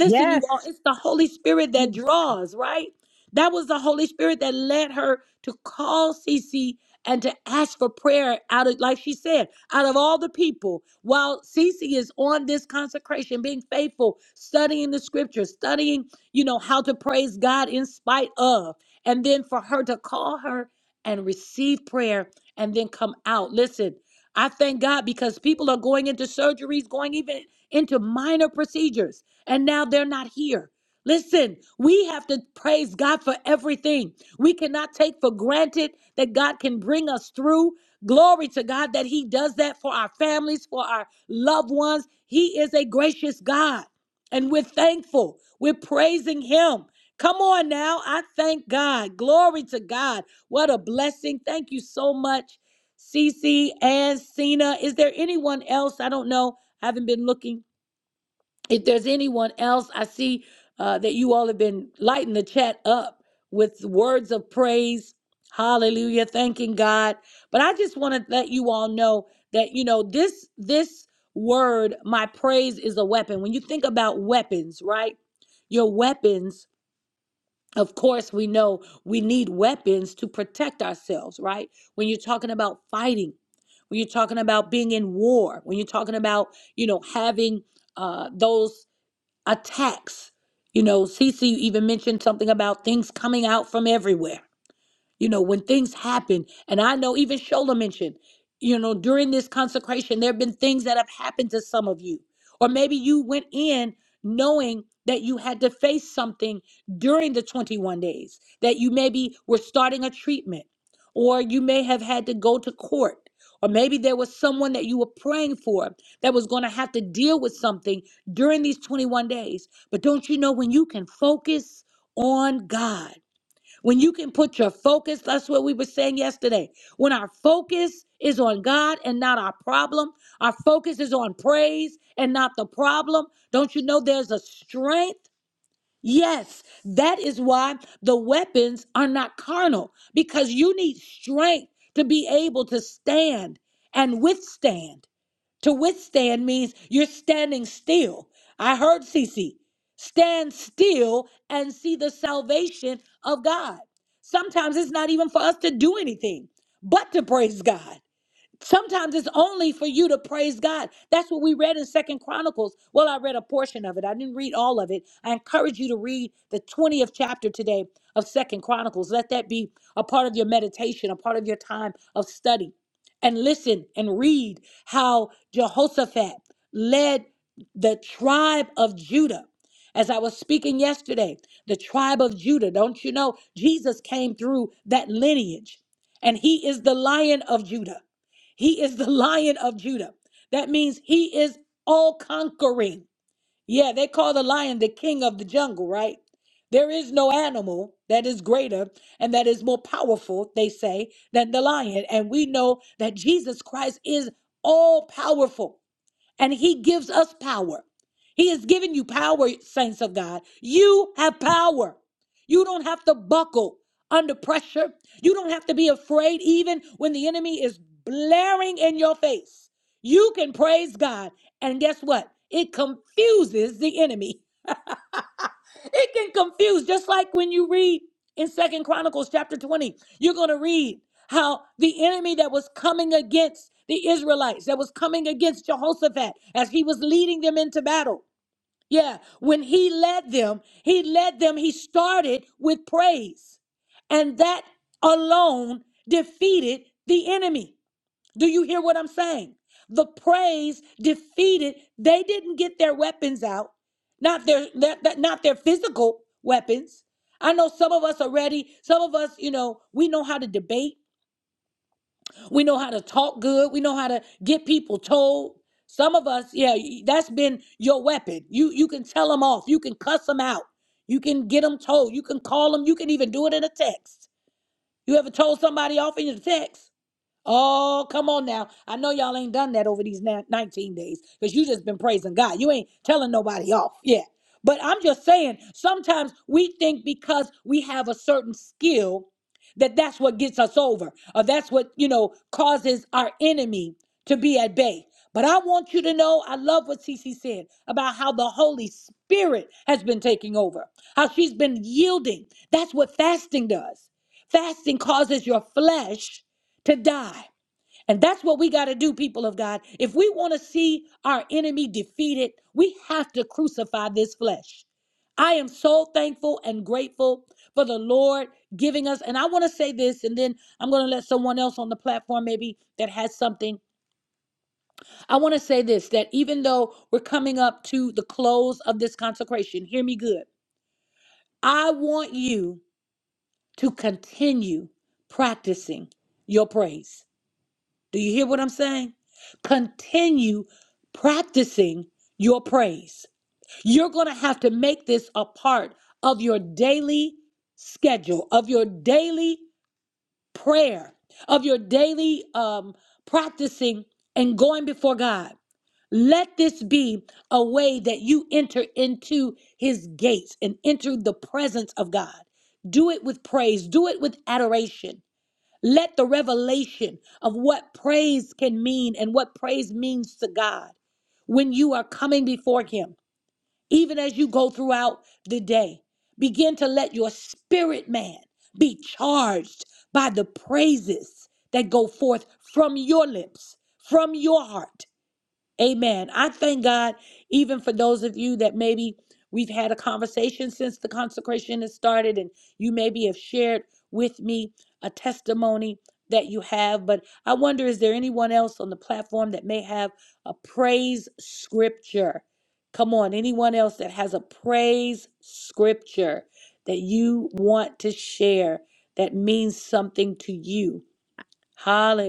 S9: Yes.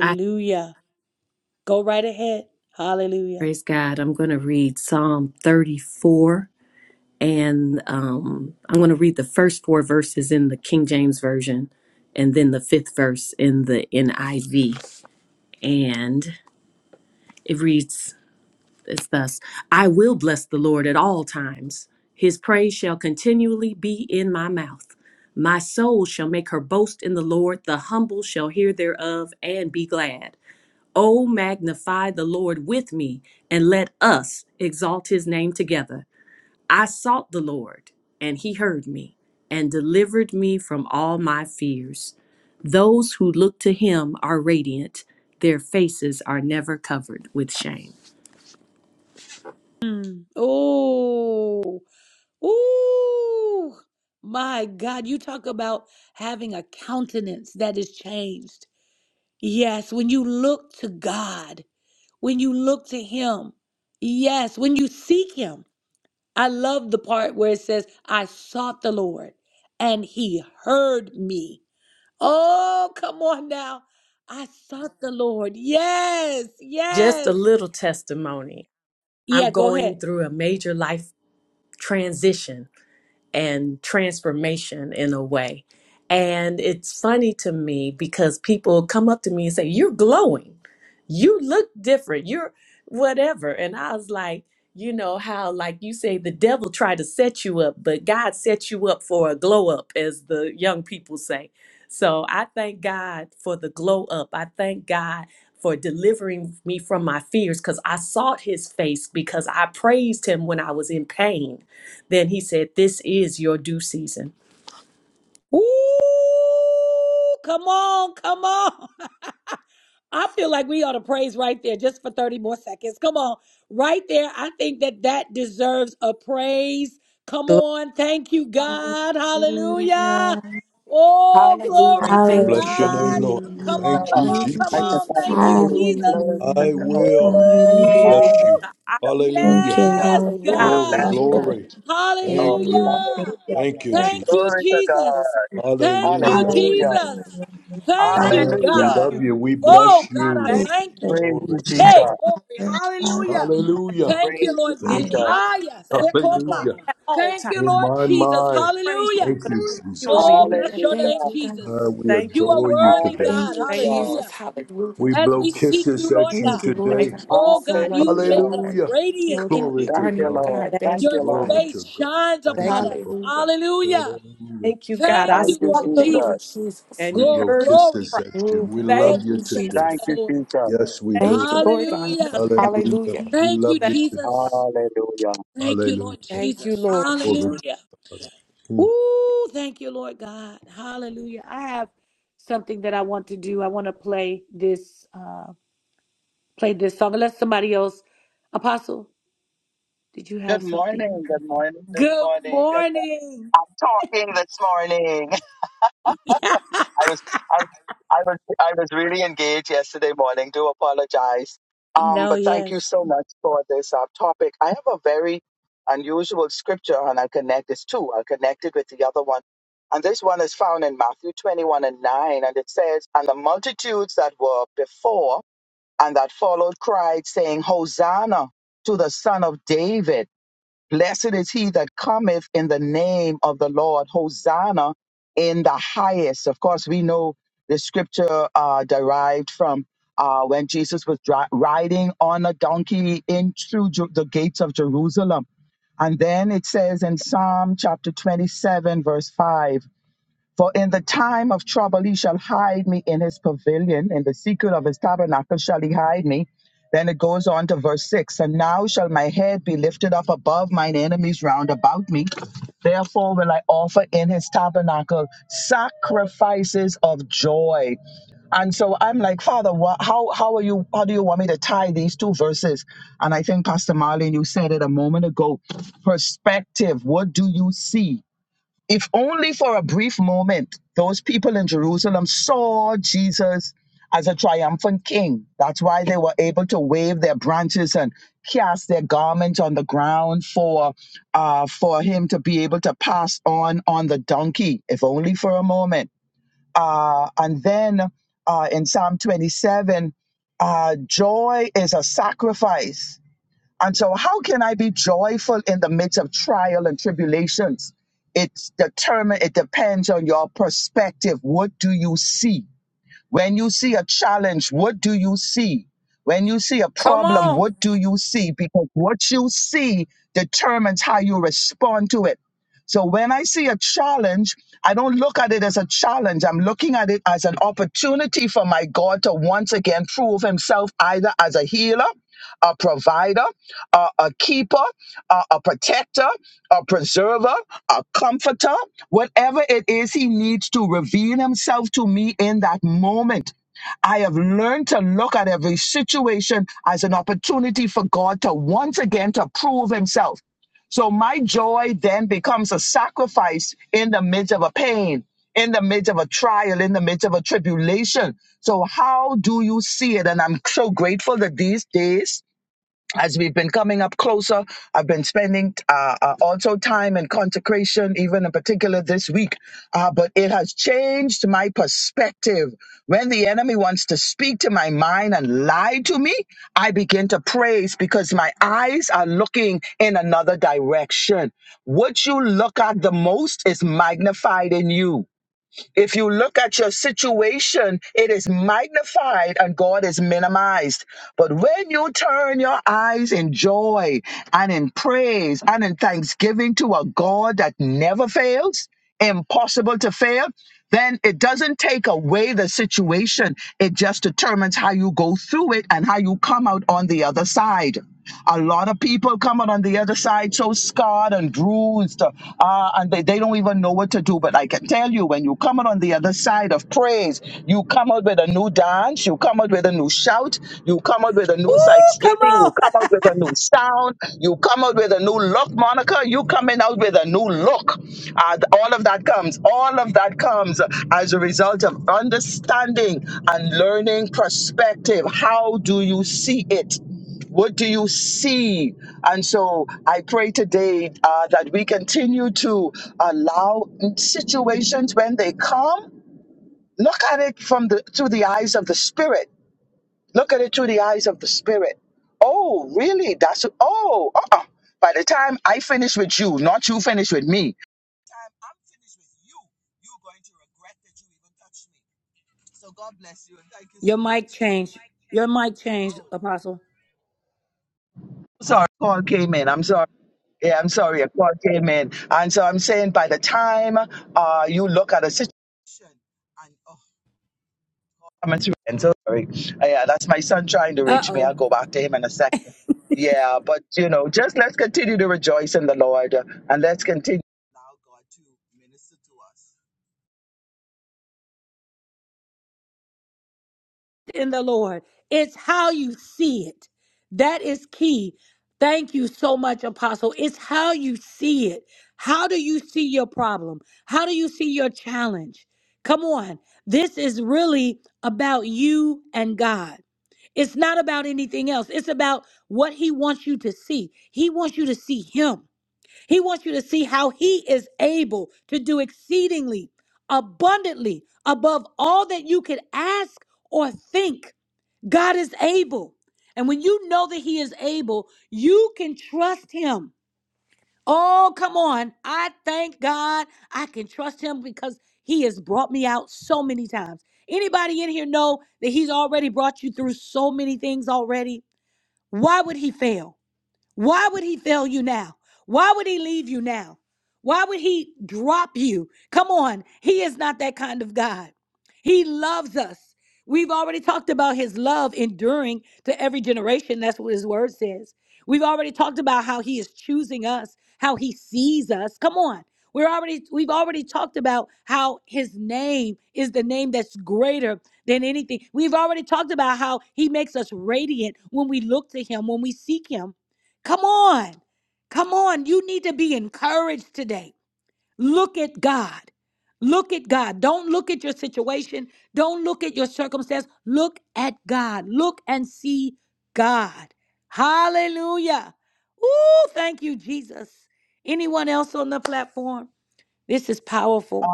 S3: I praise God. I'm going to read Psalm 34 and um, I'm going to read the first four verses in the King James Version and then the fifth verse in the NIV. And it reads It's thus I will bless the Lord at all times. His praise shall continually be in my mouth. My soul shall make her boast in the Lord. The humble shall hear thereof and be glad. Oh, magnify the Lord with me, and let us exalt his name together. I sought the Lord, and he heard me, and delivered me from all my fears. Those who look to him are radiant, their faces are never covered with shame. Just a little testimony. I'm going through a major life transition and transformation in a way. And it's funny to me because people come up to me and say, You're glowing. You look different. You're whatever. And I was like, You know, how, like you say, the devil tried to set you up, but God set you up for a glow up, as the young people say. So I thank God for the glow up. I thank God for delivering me from my fears because I sought his face because I praised him when I was in pain. Then he said, This is your due season. Glory
S2: Hallelujah. Thank you,
S12: Bless your
S2: God.
S12: name, Lord. Thank
S4: Hallelujah.
S10: saw
S12: you,
S2: Thank you,
S10: I
S12: Jesus.
S10: can
S2: Jesus.
S10: find it really
S2: Hallelujah.
S10: glory to the
S12: I
S10: Lord that we
S12: will
S10: can
S2: Thank you,
S12: bless
S4: Hallelujah.
S2: Lord
S10: find
S12: you.
S2: God.
S3: to our
S10: it.
S4: Thank
S12: Hallelujah.
S4: you,
S10: God
S4: Lord, for our
S3: God.
S2: Hallelujah.
S10: bless
S12: Glory,
S2: Thank you,
S10: you.
S4: confidence.
S2: God.
S12: glory.
S10: Oh,
S12: Thank you.
S4: Hallelujah. Thank you,
S10: hallelujah.
S12: Thank you,
S4: Lord.
S3: Thank
S12: Jesus.
S10: Glory to
S3: us.
S10: God.
S3: No,
S12: Hallelujah.
S10: Hallelujah.
S4: Hallelujah. I
S3: thank
S12: Ah, we
S10: Hallelujah.
S12: love
S3: you.
S12: you. We bless you.
S4: praise
S3: Thank you,
S4: the Lord.
S10: Praise you,
S12: Glory to
S3: Jehovah.
S12: God.
S10: Jesus.
S4: Hallelujah.
S12: Hallelujah.
S10: Praise you,
S12: Thank you.
S10: Jesus.
S3: I will bless the Lord
S12: Hallelujah.
S3: at all times.
S12: Oh, my,
S3: His
S12: my.
S3: praise
S12: Thank
S3: shall
S12: you, Jesus.
S3: continually be.
S2: Hallelujah.
S10: Hallelujah.
S2: Thank you, God.
S12: Ah, we
S3: Thank you, Father.
S12: adore you today.
S2: Thank you,
S3: Thank you.
S10: Hallelujah.
S2: Jesus. Hallelujah.
S12: We blow kisses at you
S2: Thank you, Lord
S3: Thank
S12: today.
S2: God. I'm so worthy,
S10: Hallelujah.
S2: Father.
S12: Hallelujah.
S3: you.
S2: Lord God,
S12: Glory
S2: we
S12: to
S10: Thank
S2: honor
S10: you,
S2: you,
S12: God.
S10: Lord.
S2: God.
S10: Thank
S3: Thank you.
S2: Thank you,
S10: you, Lord.
S12: Glory
S2: Father.
S12: to God.
S3: Thank,
S12: Thank you, Father.
S2: Hallelujah.
S12: Hallelujah.
S3: thank you,
S12: Thank you.
S3: God. I
S10: Thank you,
S3: sought
S2: Hallelujah.
S3: the
S2: Thank
S3: Lord
S2: you,
S10: Jesus.
S2: Jesus.
S3: and
S12: We
S3: he
S12: blow
S3: heard my
S12: kisses at you.
S2: Lord
S12: We
S2: God.
S3: cry. Thank
S12: love
S2: Thank you,
S12: you today.
S2: Jesus.
S10: Thank you, Jesus.
S12: Yes,
S3: you.
S12: we
S3: Thank
S12: do.
S3: you
S2: Thank you,
S3: for
S2: Lord
S3: seeing
S2: God.
S3: us,
S12: Hallelujah.
S3: God.
S2: Hallelujah.
S12: We love
S3: Thank,
S12: you today.
S3: you.
S10: Hallelujah.
S12: Hallelujah.
S3: thank you, Lord Jesus.
S12: Glory to God. Hmm.
S10: Good morning. Good morning this morning. I'm talking this morning. I was I was I was I was really engaged yesterday morning. Do apologize. Um, but thank you so much for this uh, topic. I have a very unusual scripture, and I'll connect this too. I'll connect it with the other one. And this one is found in Matthew 21 and 9, and it says, And the multitudes that were before and that followed cried, saying, Hosanna to the Son of David. Blessed is he that cometh in the name of the Lord. Hosanna in the highest. Of course, we know the scripture uh, derived from uh, when Jesus was dri- riding on a donkey in through Ju- the gates of Jerusalem. And then it says in Psalm chapter 27, verse 5. For in the time of trouble he shall hide me in his pavilion, in the secret of his tabernacle shall he hide me. Then it goes on to verse 6 And now shall my head be lifted up above mine enemies round about me. Therefore will I offer in his tabernacle sacrifices of joy. And so I'm like, Father, wha- how how are you? How do you want me to tie these two verses? And I think Pastor Marlene, you said it a moment ago. Perspective. What do you see? If only for a brief moment, those people in Jerusalem saw Jesus as a triumphant king. That's why they were able to wave their branches and cast their garments on the ground for, uh, for him to be able to pass on on the donkey, if only for a moment. Uh, and then uh, in Psalm 27, uh, joy is a sacrifice and so, how can I be joyful in the midst of trial and tribulations? It's determined, it depends on your perspective. What do you see? When you see a challenge, what do you see? When you see a problem, what do you see? Because what you see determines how you respond to it. So when I see a challenge, I don't look at it as a challenge. I'm looking at it as an opportunity for my God to once again prove himself either as a healer, a provider, a, a keeper, a, a protector, a preserver, a comforter. Whatever it is, He needs to reveal Himself to me in that moment. I have learned to look at every situation as an opportunity for God to once again to prove Himself. So my joy then becomes a sacrifice in the midst of a pain, in the midst of a trial, in the midst of a tribulation. So how do you see it? And I'm so grateful that these days as we've been coming up closer, I've been spending uh, uh, also time in consecration, even in particular this week. Uh, but it has changed my perspective. When the enemy wants to speak to my mind and lie to me, I begin to praise because my eyes are looking in another direction. What you look at the most is magnified in you. If you look at your situation, it is magnified and God is minimized. But when you turn your eyes in joy and in praise and in thanksgiving to a God that never fails, impossible to fail, then it doesn't take away the situation. It just determines how you go through it and how you come out on the other side. A lot of people come out on the other side so scarred and bruised, uh, and they, they don't even know what to do. But I can tell you, when you come out on the other side of praise, you come out with a new dance, you come out with a new shout, you come out with a new
S1: Ooh, come
S10: thanksgiving,
S1: on.
S10: you come out with a new sound, you come out with a new look, Monica. You coming out with a new look. Uh, th- all of that comes. All of that comes as a result of understanding and learning perspective. How do you see it? What do you see? And so I pray today uh, that we continue to allow situations when they come, look at it from the through the eyes of the spirit. Look at it through the eyes of the spirit. Oh, really? That's oh. Uh-uh. By the time I finish with you, not you finish with me. Time I'm finished with you, you're going to regret that you even touched me. So God bless you and thank you so much. Oh. Sorry, a call came in. I'm sorry. Yeah, I'm sorry. A call came in. And so I'm saying by the time uh, you look at a situation and oh, I'm into and so sorry. Uh, yeah, that's my son trying to reach me. I'll go back to him in a second. Yeah, but you know, just let's continue to rejoice in the Lord uh, and let's continue allow God to minister to us.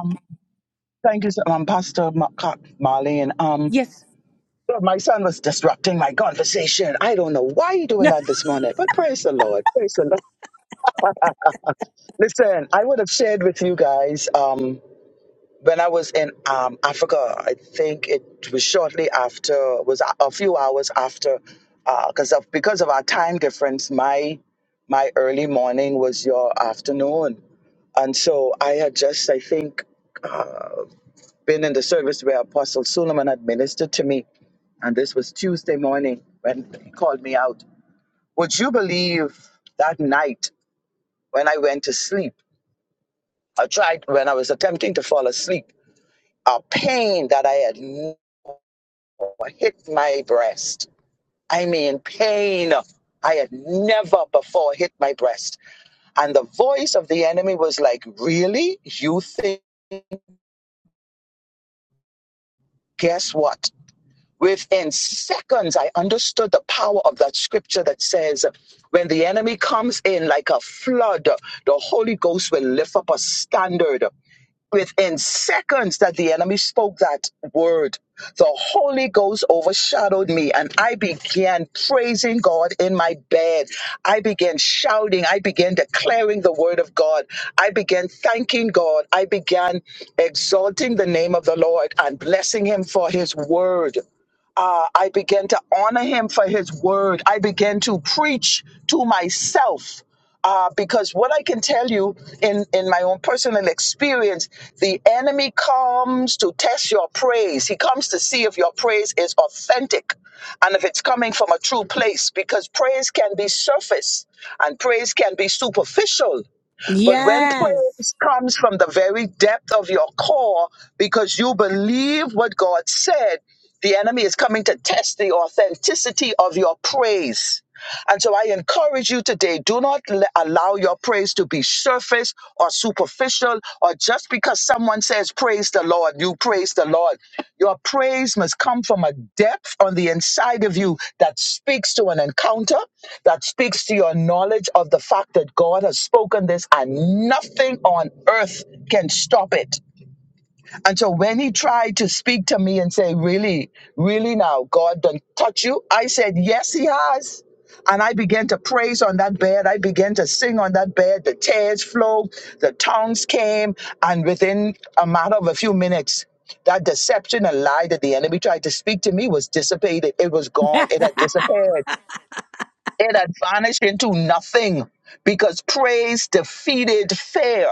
S10: Um, thank you, so, um, Pastor Ma- Ka- Marlene. Um, but my son was disrupting my conversation. I don't know why you doing that this morning, but praise the Lord. Praise the Lord. Listen, I would have shared with you guys um, when I was in um, Africa. I think it was shortly after, was a, a few hours after, because of because of our time difference, my my early morning was your afternoon, and so I had just, I think, been in the service where Apostle Suleiman had ministered to me, and this was Tuesday morning when he called me out. Would you believe that night when I went to sleep? I tried when I was attempting to fall asleep. a pain that I had never hit my breast. I mean, pain I had never before hit my breast. And the voice of the enemy was like, Really? You think? Guess what? Within seconds, I understood the power of that scripture that says, when the enemy comes in like a flood, the Holy Ghost will lift up a standard within seconds that the enemy spoke that word, the Holy Ghost overshadowed me and I began praising God in my bed. I began shouting. I began declaring the word of God. I began thanking God. I began exalting the name of the Lord and blessing him for his word uh, I began to honor him for his word. I began to preach to myself. Uh, because what I can tell you in, in my own personal experience, the enemy comes to test your praise. He comes to see if your praise is authentic and if it's coming from a true place because praise can be surface and praise can be superficial. But when praise comes from the very depth of your core because you believe what God said, the enemy is coming to test the authenticity of your praise. And so I encourage you today do not le- allow your praise to be surface or superficial social or just because someone says praise the Lord, you praise the Lord. Your praise must come from a depth on the inside of you that speaks to an encounter, that speaks to your knowledge of the fact that God has spoken this and nothing on earth can stop it. And so when he tried to speak to me and say, Really, really now, God done touch you, I said, Yes, he has. And I began to praise on that bed. I began to sing on that bed. The tears flowed, the tongues came, and within a matter of a few minutes, that deception and lie that the enemy tried to speak to me was dissipated. It was gone. It had disappeared. It had vanished into nothing because praise defeated fear.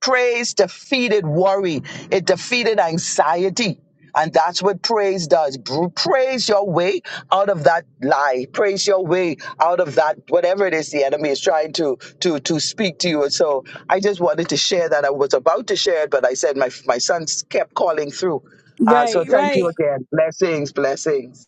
S10: Praise defeated worry, it defeated anxiety. And that's what praise does. Br- Praise your way out of that lie. Praise your way out of that whatever it is the enemy is trying to to to speak to you. And so I just wanted to share that. I was about to share it, but I said my my son kept calling through. Uh, so thank you again. Blessings, blessings.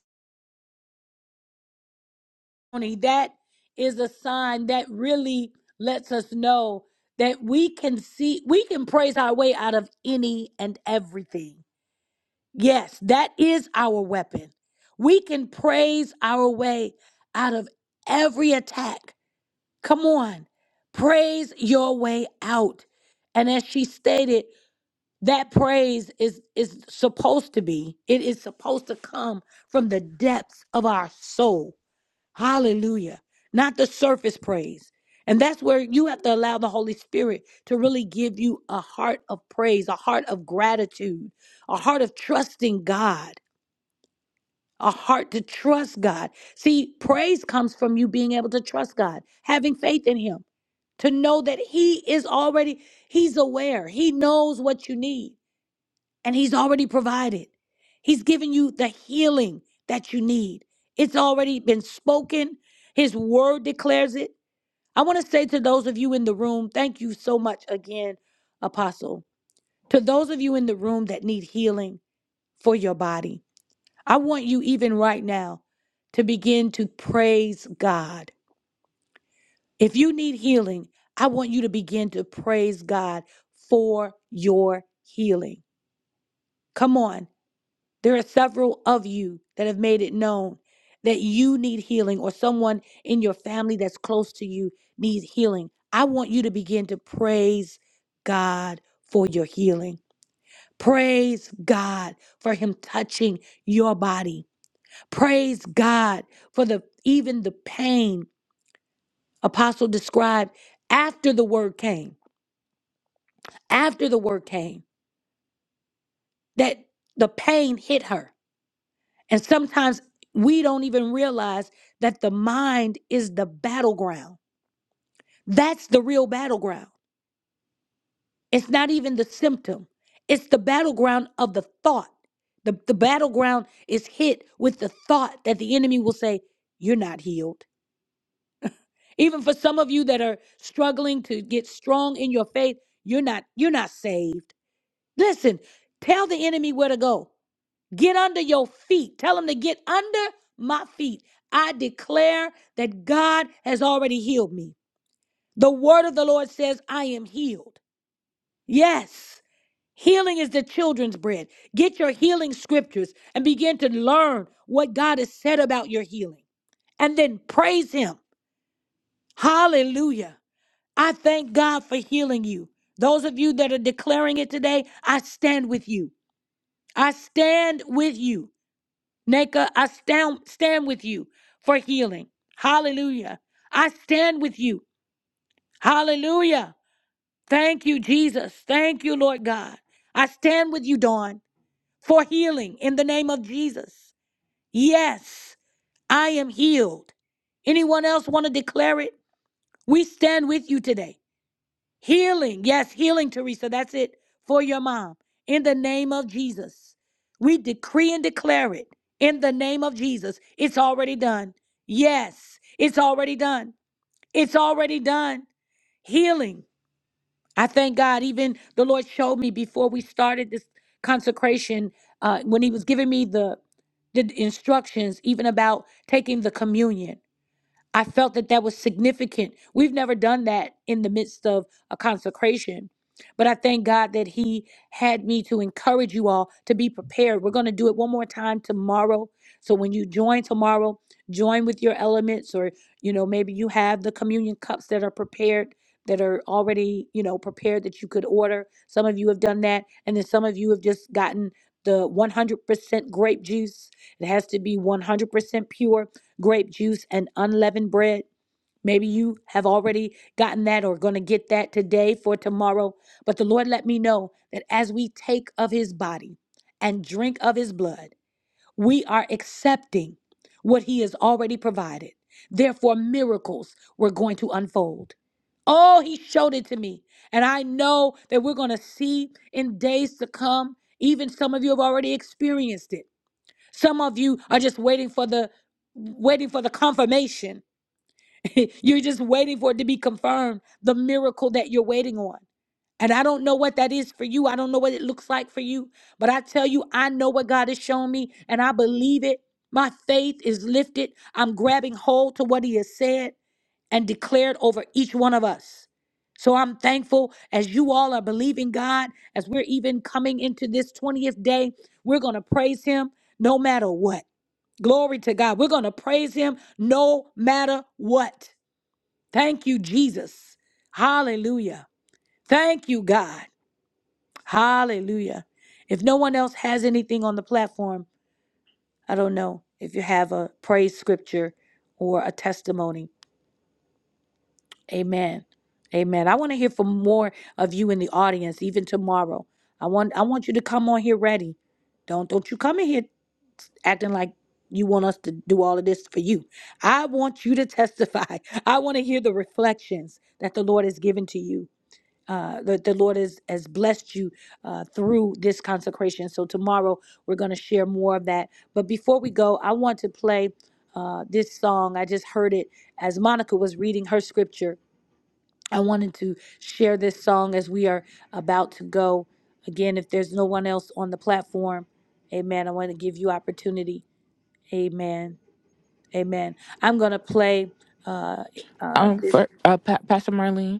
S2: Um, for uh, pa- Pastor Marlene,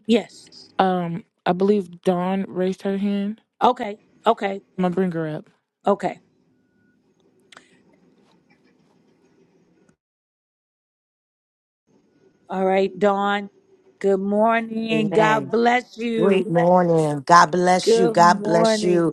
S2: um, I believe Dawn raised her hand. I'm gonna bring her up.
S13: Amen. Great morning. God bless you. God bless you.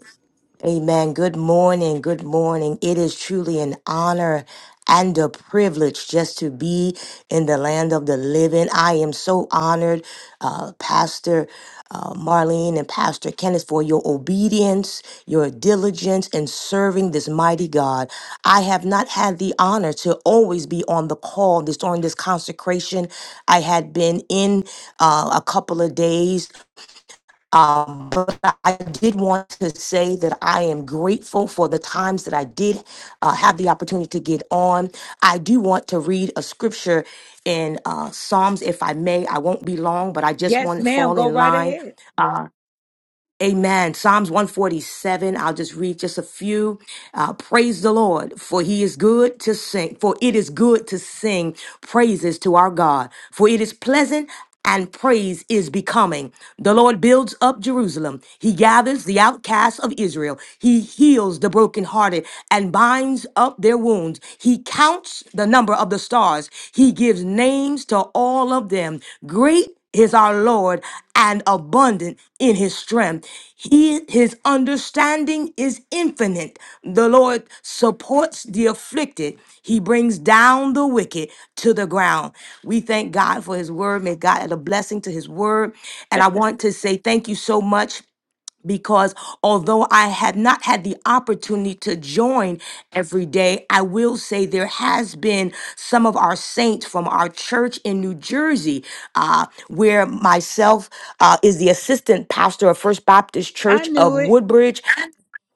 S13: Amen. Good morning. Good morning. It is truly an honor and a privilege just to be in the land of the living. I am so honored, uh, Pastor uh, Marlene and Pastor Kenneth, for your obedience, your diligence in serving this mighty God. I have not had the honor to always be on the call this during this consecration. I had been in uh, a couple of days um, but I did want to say that I am grateful for the times that I did uh, have the opportunity to get on. I do want to read a scripture in uh, Psalms, if I may. I won't be long, but I just want to fall in line. uh, Amen. Psalms 147. I'll just read just a few. Uh, praise the Lord, for he is good to sing, for it is good to sing praises to our God, for it is pleasant and praise is becoming. The Lord builds up Jerusalem. He gathers the outcasts of Israel. He heals the brokenhearted and binds up their wounds. He counts the number of the stars. He gives names to all of them. Great is our Lord and abundant in his strength. He his understanding is infinite. The Lord supports the afflicted. He brings down the wicked to the ground. We thank God for his word. May God add a blessing to his word. And I want to say thank you so much because although I have not had the opportunity to join every day, I will say there has been some of our saints from our church in New Jersey, uh, where myself uh, is the assistant pastor of First Baptist Church of Woodbridge,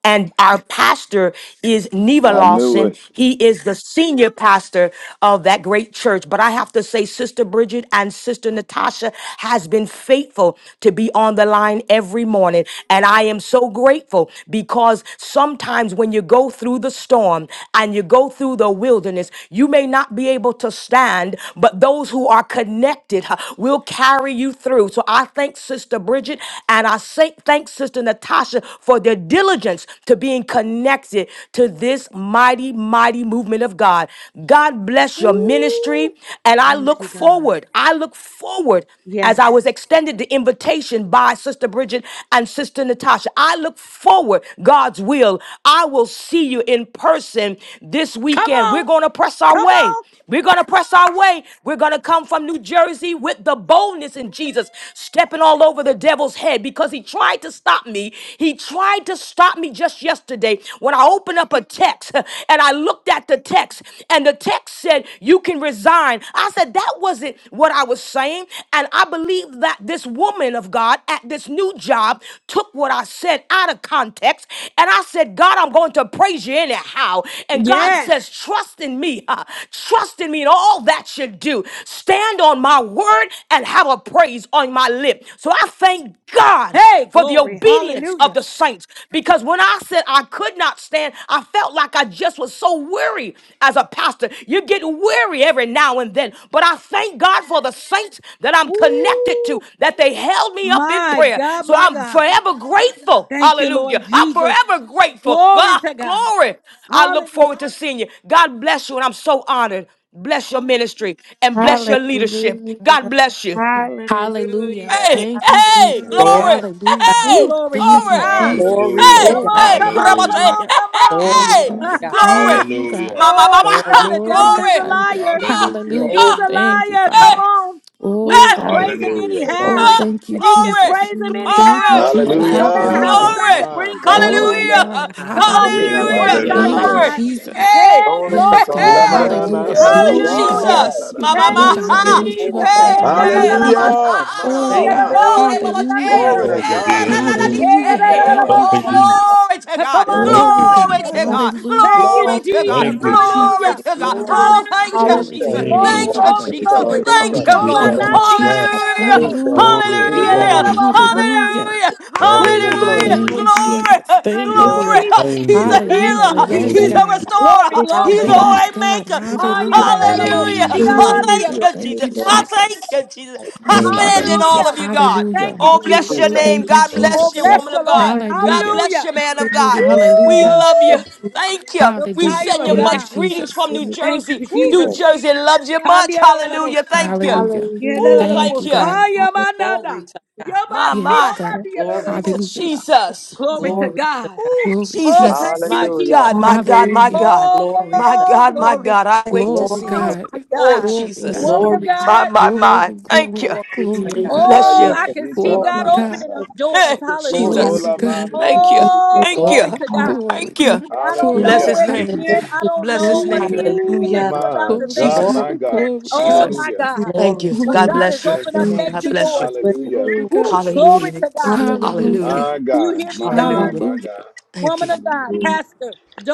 S13: and our pastor is Neva
S6: I knew
S13: Lawson.
S6: it.
S13: He is the senior pastor of that great church. But I have to say, Sister Bridget and Sister Natasha has been faithful to be on the line every morning. And I am so grateful because sometimes when you go through the storm and you go through the wilderness, you may not be able to stand, but those who are connected huh, will carry you through. So I thank Sister Bridget and I say- thank Sister Natasha. Tasha for their diligence to being connected to this mighty, mighty movement of God. God bless your ministry. And I look forward, I look forward as I was extended the invitation by Sister Bridget and Sister Natasha. I look forward, God's will. I will see you in person this weekend. We're going to press our way. We're going to press our way. We're going to come from New Jersey with the boldness in Jesus, stepping all over the devil's head because he tried to stop me. He tried to stop me just yesterday when I opened up a text and I looked at the text and the text said, You can resign. I said, That wasn't what I was saying. And I believe that this woman of God at this new job took what I said out of context. And I said, God, I'm going to praise you anyhow. And God
S1: Yes.
S13: says, Trust in me. huh? Trust in me in all that you do. Stand on my word and have a praise on my lip it. So I thank God
S1: Hey,
S13: for the
S1: glory.
S13: obedience of
S1: Hallelujah.
S13: the saints because when I said I could not stand, I felt like I just was so weary as a pastor. You get weary every now and then, but I thank God for the saints that I'm connected
S1: Ooh,
S13: to that they held me up in
S1: my
S13: prayer.
S1: God,
S13: So
S1: my
S13: I'm
S1: God.
S13: forever grateful.
S1: Thank you, Lord
S13: Hallelujah. I'm
S1: Jesus.
S13: forever grateful.
S1: Glory
S13: God,
S1: to God.
S13: glory. I look
S1: Hallelujah.
S13: forward to seeing you. God bless you, and I'm so honored. Bless your ministry and bless your leadership. God
S4: Hallelujah.
S13: bless you.
S2: Hallelujah.
S4: Hallelujah.
S13: Hey,
S2: Thank you,
S13: hey,
S2: Jesus.
S3: Glory,
S4: Hallelujah.
S13: glory.
S3: God.
S2: Hallelujah.
S13: Hey,
S4: Ooh,
S1: Glory to
S2: Thank
S4: Jesus.
S2: you,
S13: glory.
S1: God.
S2: Jesus.
S3: Glory
S13: Hey,
S3: to
S1: Come
S14: Hallelujah.
S2: Oh,
S3: God.
S1: on,
S13: hey,
S2: God.
S1: come on,
S13: Rabba
S14: Hallelujah.
S13: say,
S1: come
S13: hey,
S1: on,
S2: Hallelujah.
S13: hey,
S1: come
S3: Glory to
S13: hey,
S2: Hallelujah.
S3: God.
S13: glory.
S1: on.
S2: Thank you,
S14: Hallelujah.
S2: God.
S13: Mama,
S1: oh,
S13: mama,
S1: we know
S13: ha,
S3: Glory
S1: the
S3: to
S2: Glory,
S1: devil is a
S13: glory.
S2: God.
S4: Hallelujah.
S1: liar.
S13: Ah,
S14: Hallelujah.
S1: He's
S3: glory.
S2: Hallelujah.
S1: a
S13: ah,
S2: Thank you,
S1: liar. Come
S13: hey,
S2: Father.
S1: on.
S3: Glory
S1: We
S2: Oh,
S1: can
S13: hey.
S3: to
S2: God.
S4: Thank
S3: God.
S14: Hallelujah.
S4: you.
S2: Oh,
S3: Glory,
S13: Ah,
S2: thank you,
S13: glory,
S2: Jesus. Thank you,
S3: glory,
S13: glory,
S2: Jesus.
S13: ah,
S14: Hallelujah.
S2: Hallelujah.
S6: Hallelujah.
S13: glory,
S6: My God, my
S3: glory,
S2: Glory,
S6: God.
S13: hallelujah,
S2: God.
S3: God.
S2: Hallelujah.
S6: Ena
S13: hallelujah,
S3: Hallelujah.
S6: masaya
S2: Thank
S3: Thank,
S2: you,
S6: na
S14: Hallelujah.
S13: glory.
S6: masaya.
S2: Jesus.
S13: Hey,
S10: Glory to
S2: Yes,
S13: hey,
S3: thank,
S2: God.
S10: God.
S13: hey,
S6: Ilamana
S3: you,
S10: Glory
S2: Hallelujah.
S10: to
S6: nasi
S3: Jesus.
S13: woo,
S6: kile
S2: Glory, God.
S10: God.
S6: mashata
S13: Jesus,
S6: na
S13: ma, ma,
S2: Oh
S13: ma,
S2: God, we
S6: manasaya.
S13: ha.
S2: lift
S10: Praise
S2: you up,
S10: God.
S3: thank,
S13: Hey,
S2: Father.
S13: hey,
S2: Hallelujah.
S6: Hallelujah. My
S2: Oh
S13: rabataro,
S3: thank,
S2: God,
S6: God.
S13: glory, mama,
S10: Praise
S2: hallelujah.
S13: che, eh,
S6: Glory to
S3: glory,
S13: eh,
S12: Glory,
S13: ra,
S6: God.
S13: ra, ra,
S14: Jesus.
S13: di,
S12: glory.
S2: Hallelujah.
S10: God.
S2: Thank
S13: che.
S2: you,
S13: Oh,
S12: Hallelujah.
S2: Jesus.
S13: glory to God,
S10: Yeah.
S12: Thank
S3: glory,
S12: you,
S2: Glory,
S10: And
S13: glory
S2: God.
S12: Jesus.
S13: to
S10: that's
S13: God,
S2: Hallelujah.
S13: glory to
S3: glory, glory
S13: God,
S3: to
S12: Thank
S2: Thank
S12: you,
S2: you,
S12: Jesus.
S13: glory
S2: Jesus.
S13: to God.
S3: glory,
S13: Oh,
S2: Hallelujah.
S13: thank you,
S10: Jesus,
S2: Glory to
S13: Jesus,
S2: your
S12: Thank you,
S1: glory,
S2: name,
S13: thank
S10: Jesus,
S12: Jesus.
S3: glory,
S13: you,
S4: Hallelujah.
S1: glory,
S2: Father.
S10: Jesus,
S14: Thank
S13: Jesus,
S14: you,
S1: glory.
S2: Oh
S13: thank
S10: Jesus,
S13: you,
S1: Oh,
S2: God,
S1: my
S13: Lord,
S4: name.
S2: thank
S10: Jesus,
S2: you,
S3: glory,
S1: nasty
S13: hallelujah.
S1: candy,
S4: I
S12: Itamasha.
S2: Jesus.
S1: la, la, la,
S13: Hallelujah!
S4: want
S1: mo.
S10: Jesus,
S4: your
S2: Hallelujah.
S3: glory,
S12: Glory,
S4: name,
S1: Yeah, la,
S10: Jesus.
S1: la,
S4: Lord.
S13: Hallelujah!
S1: la,
S12: glory.
S1: mo,
S14: Lord.
S1: thunder.
S2: Hallelujah.
S13: Hallelujah!
S10: Ooh,
S4: No
S10: glory.
S13: Hallelujah!
S12: Hallelujah.
S2: Thank
S4: more
S1: Hallelujah.
S2: you,
S4: fear, I
S13: Glory!
S2: Jesus.
S1: Thank
S2: Thank you,
S1: you,
S12: You
S3: glory, glory.
S13: Glory!
S2: Lord.
S1: Jesus.
S12: kind
S13: He's a
S12: God.
S4: will
S1: Thank
S4: be
S3: to
S13: healer.
S2: Hallelujah.
S1: you,
S4: tired.
S2: Yes,
S1: Jesus.
S13: He's
S12: Hallelujah.
S3: Jesus.
S13: a
S2: God.
S1: Glory,
S13: restorer.
S4: No more
S1: glory,
S13: He's
S3: Hallelujah.
S13: a
S4: fear, I
S12: Glory.
S2: Yes,
S13: way
S1: glory.
S2: God.
S13: maker.
S4: will be
S2: Hallelujah.
S4: tired.
S10: Glory
S1: Hallelujah.
S10: to
S13: Hallelujah!
S12: Hallelujah.
S13: I
S4: Glory to
S13: thank
S2: Hallelujah.
S4: your
S13: you,
S4: name,
S2: Thank you,
S13: Jesus. I
S4: Lord.
S3: Thank,
S2: Jesus.
S13: thank you, Jesus.
S10: Jesus,
S13: I
S4: Hallelujah.
S2: Thank
S10: God.
S2: you,
S12: Thank you,
S3: thank you
S13: stand in
S12: Jesus.
S13: all
S2: Jesus.
S13: of you, God.
S1: Thank
S2: Hallelujah.
S1: you,
S13: Oh, bless
S1: Jesus.
S13: your
S10: Jesus,
S13: name.
S2: Thank
S4: Hallelujah.
S2: you,
S13: God
S1: Oh,
S13: bless you,
S2: Jesus.
S1: bless
S4: Bless
S13: woman
S1: the
S13: of God.
S1: Lord.
S4: you,
S13: God
S2: Hallelujah.
S13: bless
S1: Hallelujah.
S13: you, man
S4: Lord. Bless
S13: of
S4: you,
S13: God. We
S1: Woo!
S2: Hallelujah.
S13: love you. Thank you.
S1: The
S13: We
S2: Hallelujah.
S1: fire
S13: send you
S1: of
S3: for
S2: Thank
S4: Lord.
S2: you,
S3: it.
S13: much
S1: God.
S13: greetings
S2: Jesus.
S13: from
S4: Bless
S13: New
S4: you,
S1: Thank you,
S13: Jersey.
S3: Woo,
S13: New
S4: Lord.
S10: Jesus.
S3: Jesus.
S1: Jesus.
S13: Jersey loves you much. Hallelujah. Thank
S1: Kandiyalalabosha.
S13: you.
S2: Hallelujah.
S13: Ooh,
S3: Thank,
S4: Hallelujah.
S2: Thank
S13: thank
S2: you,
S13: you.
S1: Yelalalabosha
S2: God.
S4: Hallelujah.
S1: yamanada.
S3: glory to God.
S13: My,
S1: Yabasi
S2: Yes,
S13: my,
S2: God.
S4: Bless
S3: Glory to,
S2: Hallelujah.
S1: omadiyalalabosha.
S13: Jesus.
S4: you,
S1: Glory to
S4: Lord.
S3: glory to
S1: God.
S3: God.
S13: Ooh,
S2: Glory,
S1: Oh,
S13: Jesus.
S1: thank
S2: Jesus.
S13: My
S1: you,
S10: Hallelujah.
S1: Jesus.
S13: God, my God, my
S4: Hallelujah.
S2: Hallelujah.
S13: God.
S3: Glory
S13: My
S3: to,
S1: Oh,
S13: God, my
S1: glory.
S13: God. I wait to
S2: Glory,
S13: see
S3: glory
S13: you.
S3: to,
S1: Oh,
S2: God.
S1: my
S13: Oh,
S1: God.
S2: Glory,
S4: Hallelujah.
S13: Jesus.
S2: God.
S1: Woman of
S4: Lord.
S3: glory to,
S13: My,
S1: God.
S13: my,
S2: Glory,
S13: my. Thank you.
S2: glory,
S3: glory to
S2: glory,
S4: Hallelujah.
S3: God.
S2: God.
S13: Bless
S1: Oh,
S13: you.
S10: Jesus.
S1: I
S6: Shaya
S1: can see
S6: itana
S1: God
S2: Glory,
S3: Glory
S2: God.
S1: opening up
S6: manasa.
S1: doors.
S13: Hey,
S3: to, glory
S1: Hallelujah.
S3: to,
S13: Jesus.
S2: Glory,
S6: Ola
S2: God.
S13: Thank
S6: manu
S13: you.
S1: Oh,
S13: Thank
S6: sikitana
S1: glory
S13: you.
S1: to
S3: glory.
S6: masha.
S1: God.
S2: Glory,
S13: Thank you.
S2: God.
S4: Hallelujah.
S2: Glory,
S13: Bless
S3: Glory
S6: Hallelujah.
S13: his
S2: God.
S14: Thank you,
S13: name.
S3: to
S14: Jesus.
S3: God.
S13: Bless his
S2: Glory,
S13: name.
S2: God.
S6: Ooh,
S3: Hallelujah.
S6: my
S2: Glory,
S6: God,
S13: Jesus.
S6: my
S3: Glory,
S2: God.
S6: God.
S2: Glory, God.
S13: Jesus.
S6: Hallelujah.
S13: Thank
S3: glory
S13: you.
S3: to
S2: Glory
S13: God
S2: God,
S13: bless you.
S6: Thank
S3: your
S6: you,
S3: name.
S13: God
S3: Jesus.
S2: glory
S6: Jesus.
S2: God,
S13: bless you.
S6: Hallelujah.
S2: glory
S4: Hallelujah.
S2: God.
S3: Ooh, Jesus.
S13: Hallelujah.
S3: Thank you.
S4: Hallelujah.
S2: Hallelujah,
S13: Hallelujah.
S6: My God, my
S4: Oh,
S6: God,
S13: Hallelujah.
S6: my
S2: hallelujah.
S6: God.
S13: Thank you.
S6: Hallelujah.
S4: Thank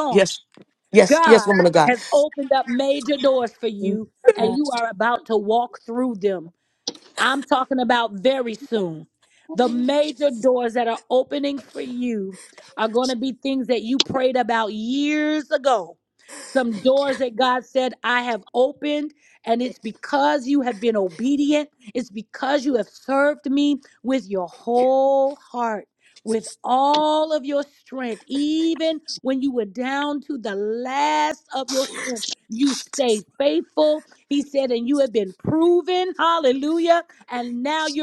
S13: Yes. Yes. Yes, woman of God. Thank
S4: you.
S13: you.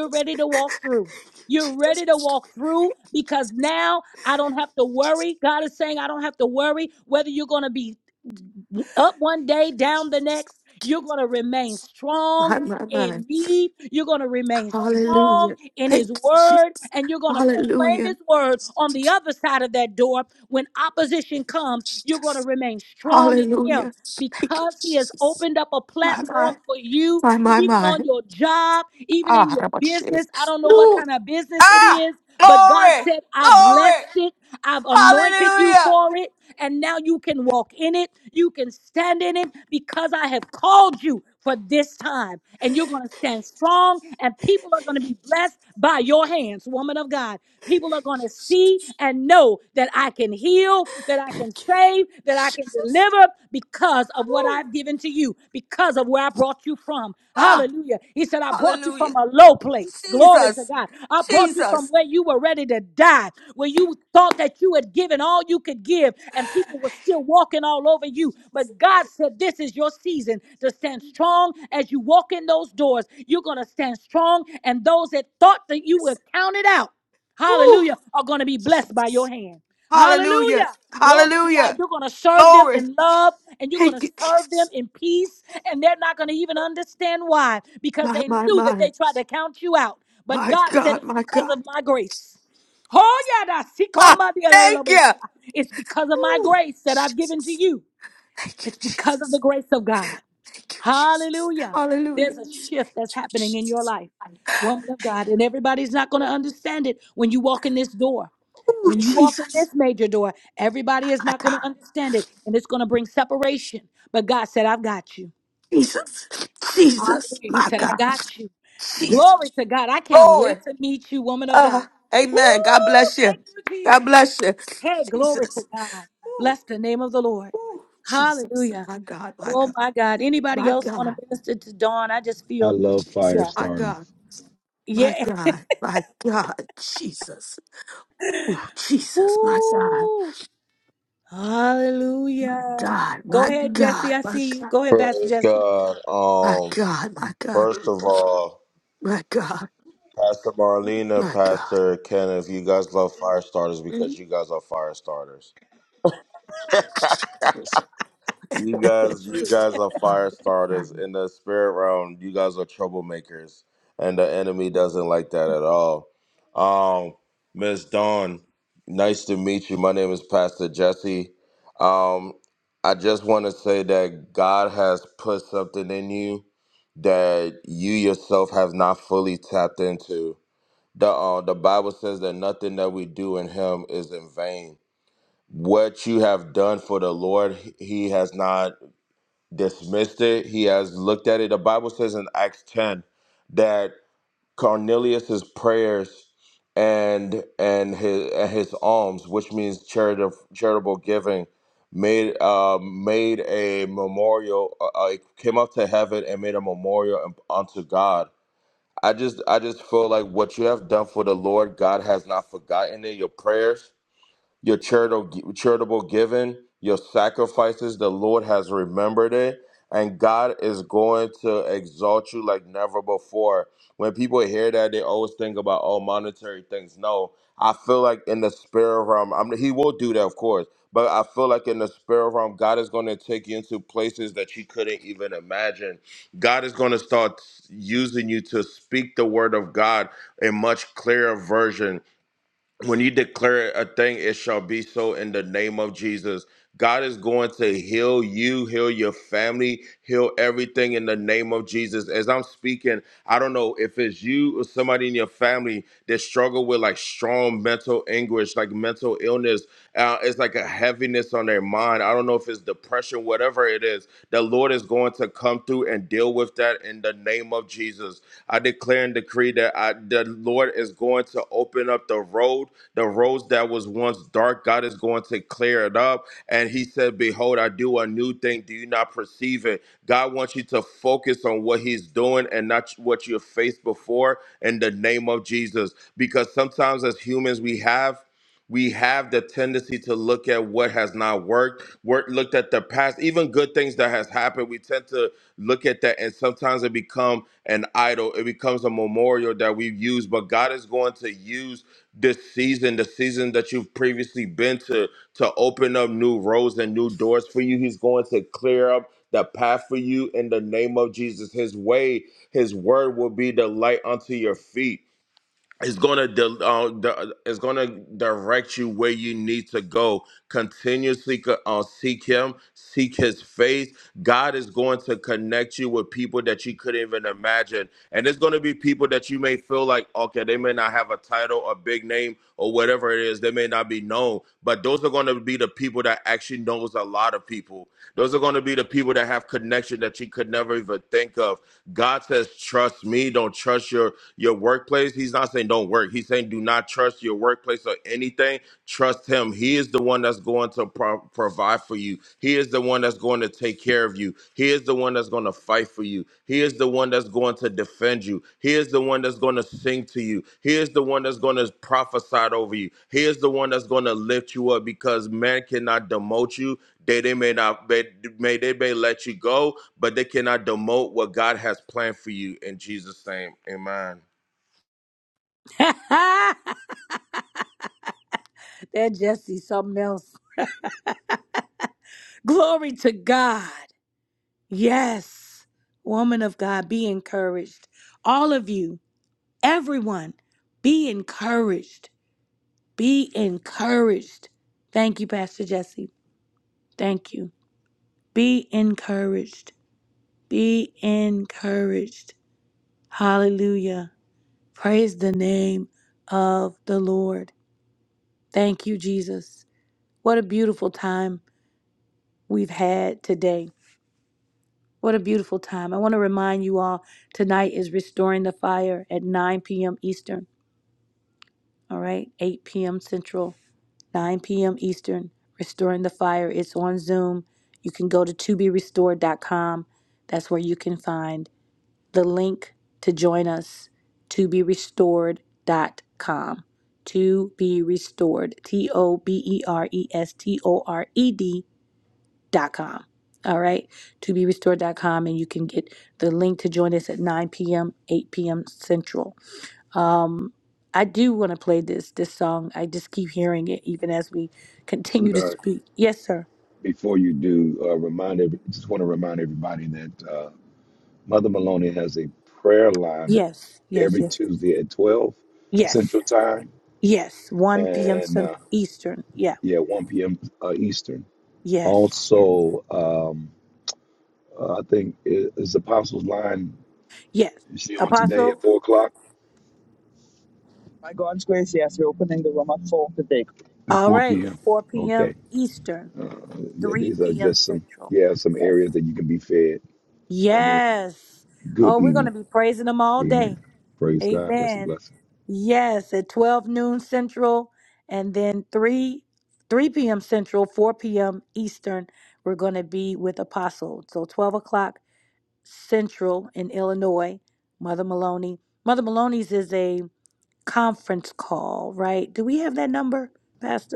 S13: Jesus. Jesus. Thank you. My, my, my. Hallelujah. Thank you, Jesus. Hallelujah. Jesus. Hallelujah. Thank you, Jesus. My, my, my, my, my. Ah, how much Jesus. Ooh. Ah, glory. Glory. Hallelujah. Thank you, Jesus. Thank you, Jesus. Ooh. Ah, hallelujah. Jesus. Jesus. Woo! Hallelujah. Hallelujah. Glory. Thank you, Jesus. My, my, my. My God, my God. Ah, thank you. Ooh, Jesus. Thank you, Jesus. Thank you, Jesus. Hallelujah. Oh, Jesus. My God. Jesus. Jesus. My God. Jesus. Glory. Uh, amen. God bless you. God bless you. Jesus. Ooh, ooh, Jesus. My God, my God. My God.
S6: I love fire
S13: Jesus, my
S6: starters,
S13: God, my God, my God, Jesus. Ooh, Jesus, my God, my God, my God, my God,
S14: Praise God.
S13: my
S14: Um,
S13: God, my God,
S14: first of all,
S13: my God,
S14: Pastor Marlena,
S13: my God.
S14: Pastor Kenneth, you guys love fire starters because you guys are fire starters.
S13: Jesus.
S14: You guys, you guys are
S13: my
S14: fire starters
S13: God.
S14: in the spirit realm. You guys are troublemakers, and the enemy doesn't like that at all. Um, Miss Dawn, nice to meet you. My name is Pastor Jesse. Um, I just want to say that God has put something in you that you yourself have not fully tapped into. The uh, the Bible says that nothing that we do in Him is in vain. What you have done for the Lord, He has not dismissed it. He has looked at it. The Bible says in Acts 10 that Cornelius's prayers and and his and his alms, which means charitable charitable giving, made uh, made a memorial. Uh, uh, it came up to heaven and made a memorial unto God. I just I just feel like what you have done for the Lord, God has not forgotten it. Your prayers, your charitable, charitable giving, your sacrifices, the Lord has remembered it. And God is going to exalt you like never before. When people hear that, they always think about, all monetary things. No, I feel like in the spirit realm, I mean, He will do that, of course. But I feel like in the spirit realm, God is going to take you into places that you couldn't even imagine. God is going to start using you to speak the word of God in much clearer version when you declare a thing, it shall be so in the name of Jesus. God is going to heal you, heal your family, heal everything in the name of Jesus. As I'm speaking, I don't know if it's you or somebody in your family that struggle with like strong mental anguish, like mental illness. Uh, it's like a heaviness on their mind. I don't know if it's depression, whatever it is. The Lord is going to come through and deal with that in the name of Jesus. I declare and decree that I, the Lord is going to open up the road the roads that was once dark, God is going to clear it up. And he said, Behold, I do a new thing. Do you not perceive it? God wants you to focus on what he's doing and not what you faced before in the name of Jesus. Because sometimes as humans, we have we have the tendency to look at what has not worked, work looked at the past, even good things that has happened. We tend to look at that and sometimes it become an idol. It becomes a memorial that we use, but God is going to use this season, the season that you've previously been to, to open up new roads and new doors for you. He's going to clear up the path for you in the name of Jesus. His way, his word will be the light unto your feet is going to di- uh, di- is going to direct you where you need to go. Continuously co- uh, seek Him, seek His face. God is going to connect you with people that you couldn't even imagine, and it's going to be people that you may feel like, okay, they may not have a title, a big name, or whatever it is. They may not be known, but those are going to be the people that actually knows a lot of people. Those are going to be the people that have connection that you could never even think of. God says, trust me, don't trust your your workplace. He's not saying don't work. He's saying do not trust your workplace or anything. Trust him. He is the one that's going to pro- provide for you. He is the one that's going to take care of you. He is the one that's going to fight for you. He is the one that's going to defend you. He is the one that's going to sing to you. He is the one that's going to prophesy over you. He is the one that's going to lift you up because man cannot demote you. They, they may not may, may they may let you go, but they cannot demote what God has planned for you in Jesus' name. Amen.
S6: sweetheart. Before you do, uh, remind every, just want to remind everybody that uh, Mother Maloney has a prayer line every Tuesday at 12 Central Time and uh, yeah, 1 p.m. Uh, Eastern. Also, um, uh, I think i- is Apostles line is she on today at 4 o'clock
S10: By God's grace, yes, we're opening the room at 4 today.
S6: at 4 p.m. Okay. Uh, yeah, these are just some yeah some areas that you can be fed. I mean, good eating. Amen. Praise God. That's a blessing.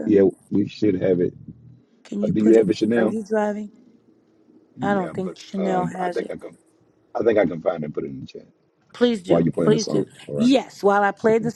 S6: Yeah, we should have it. Uh, do you have it, Chanel? Yeah, but um, I think I can. I think I can find it and put it in the chat while you're playing the song. All right. Okay.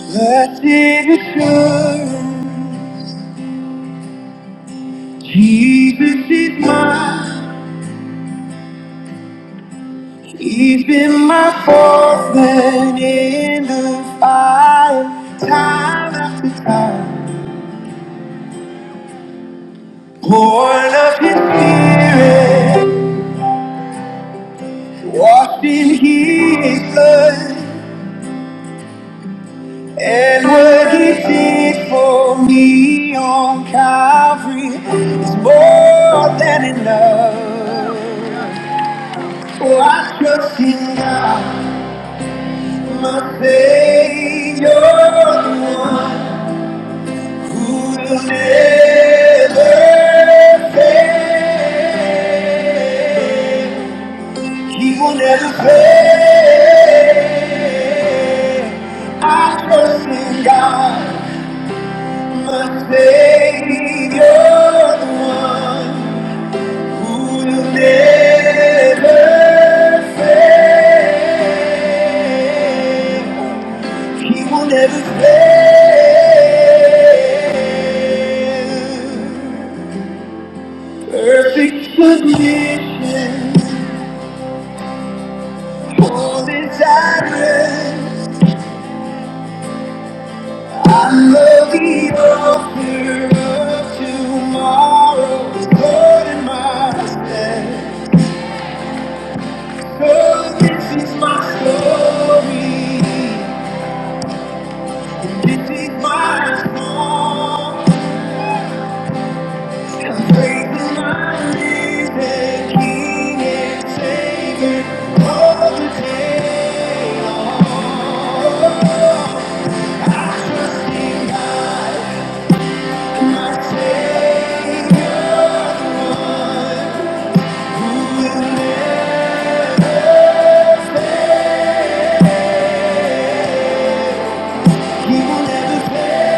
S1: Blessed assurance, Jesus is mine. He's been my fourth in the fire, time after time. Born of His Spirit, washed in His blood. And what he did for me on Calvary is more than enough. For I trust in God, my Savior, the one who will never fail. He will never fail. I trust in God. My Savior, the one who will never fail. He will never fail. Perfect submission, holy tyrant. I love the author of tomorrow. the Lord in my stead. Oh, this is my story. And this is my song. I'm praising my risen King and Savior all the day long. And God, my Savior, who will never, He will never fail.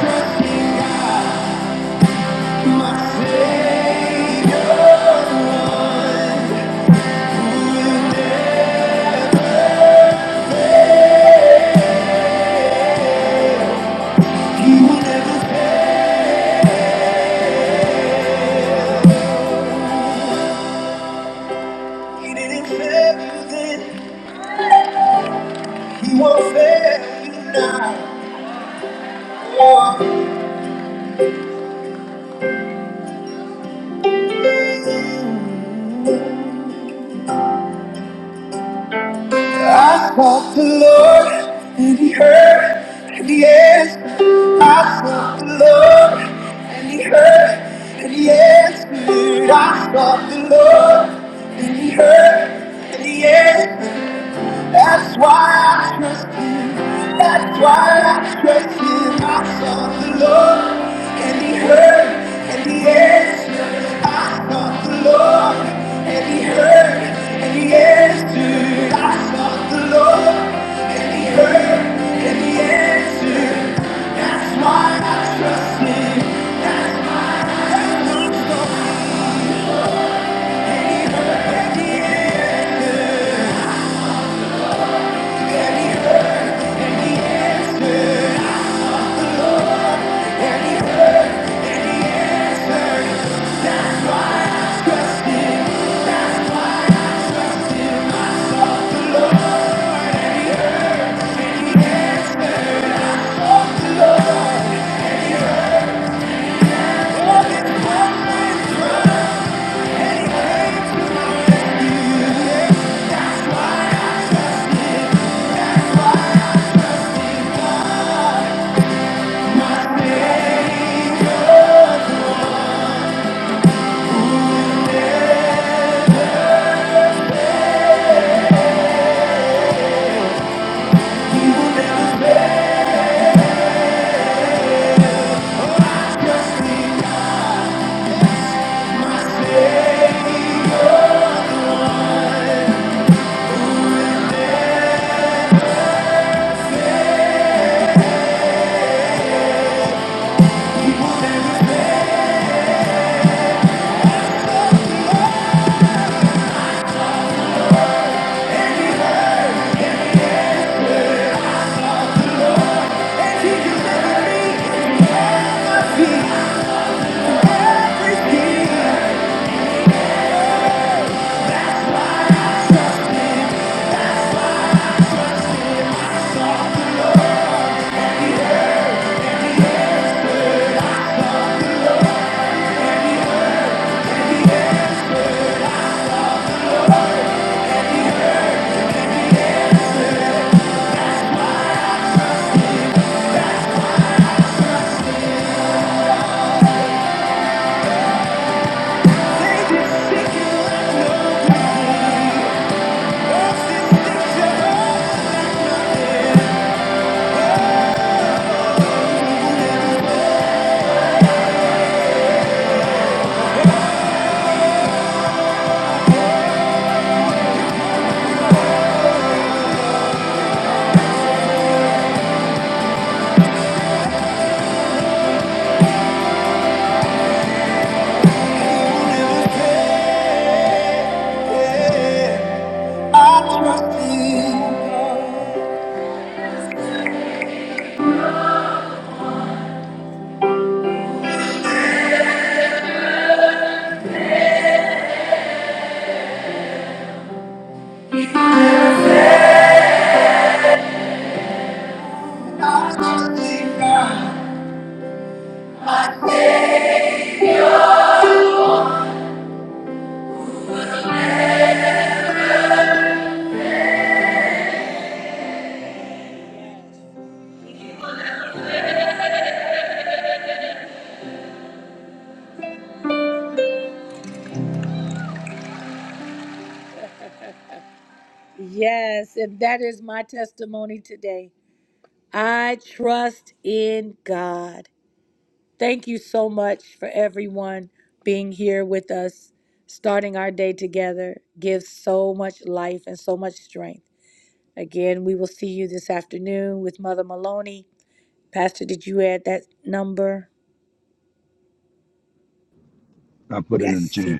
S1: Trusting God, my Savior, the one who will never, He will never fail. He didn't fail you then, he won't fail you now. I sought the Lord, and he heard, and he answered. I sought the Lord, and he heard, and he answered. I sought the Lord, and he heard, and he answered. That's why I trust That's why I trust him. I sought the Lord, and he heard, and he answered. I sought the Lord, and he heard, and he answered. I sought the Lord, and he heard, and he answered. That's why I trust him. And he answered, and he heard. All his promises, when he came to rescue, he will never fail. Trust him. I trust in God. I trust in God.
S6: I put it in the chat.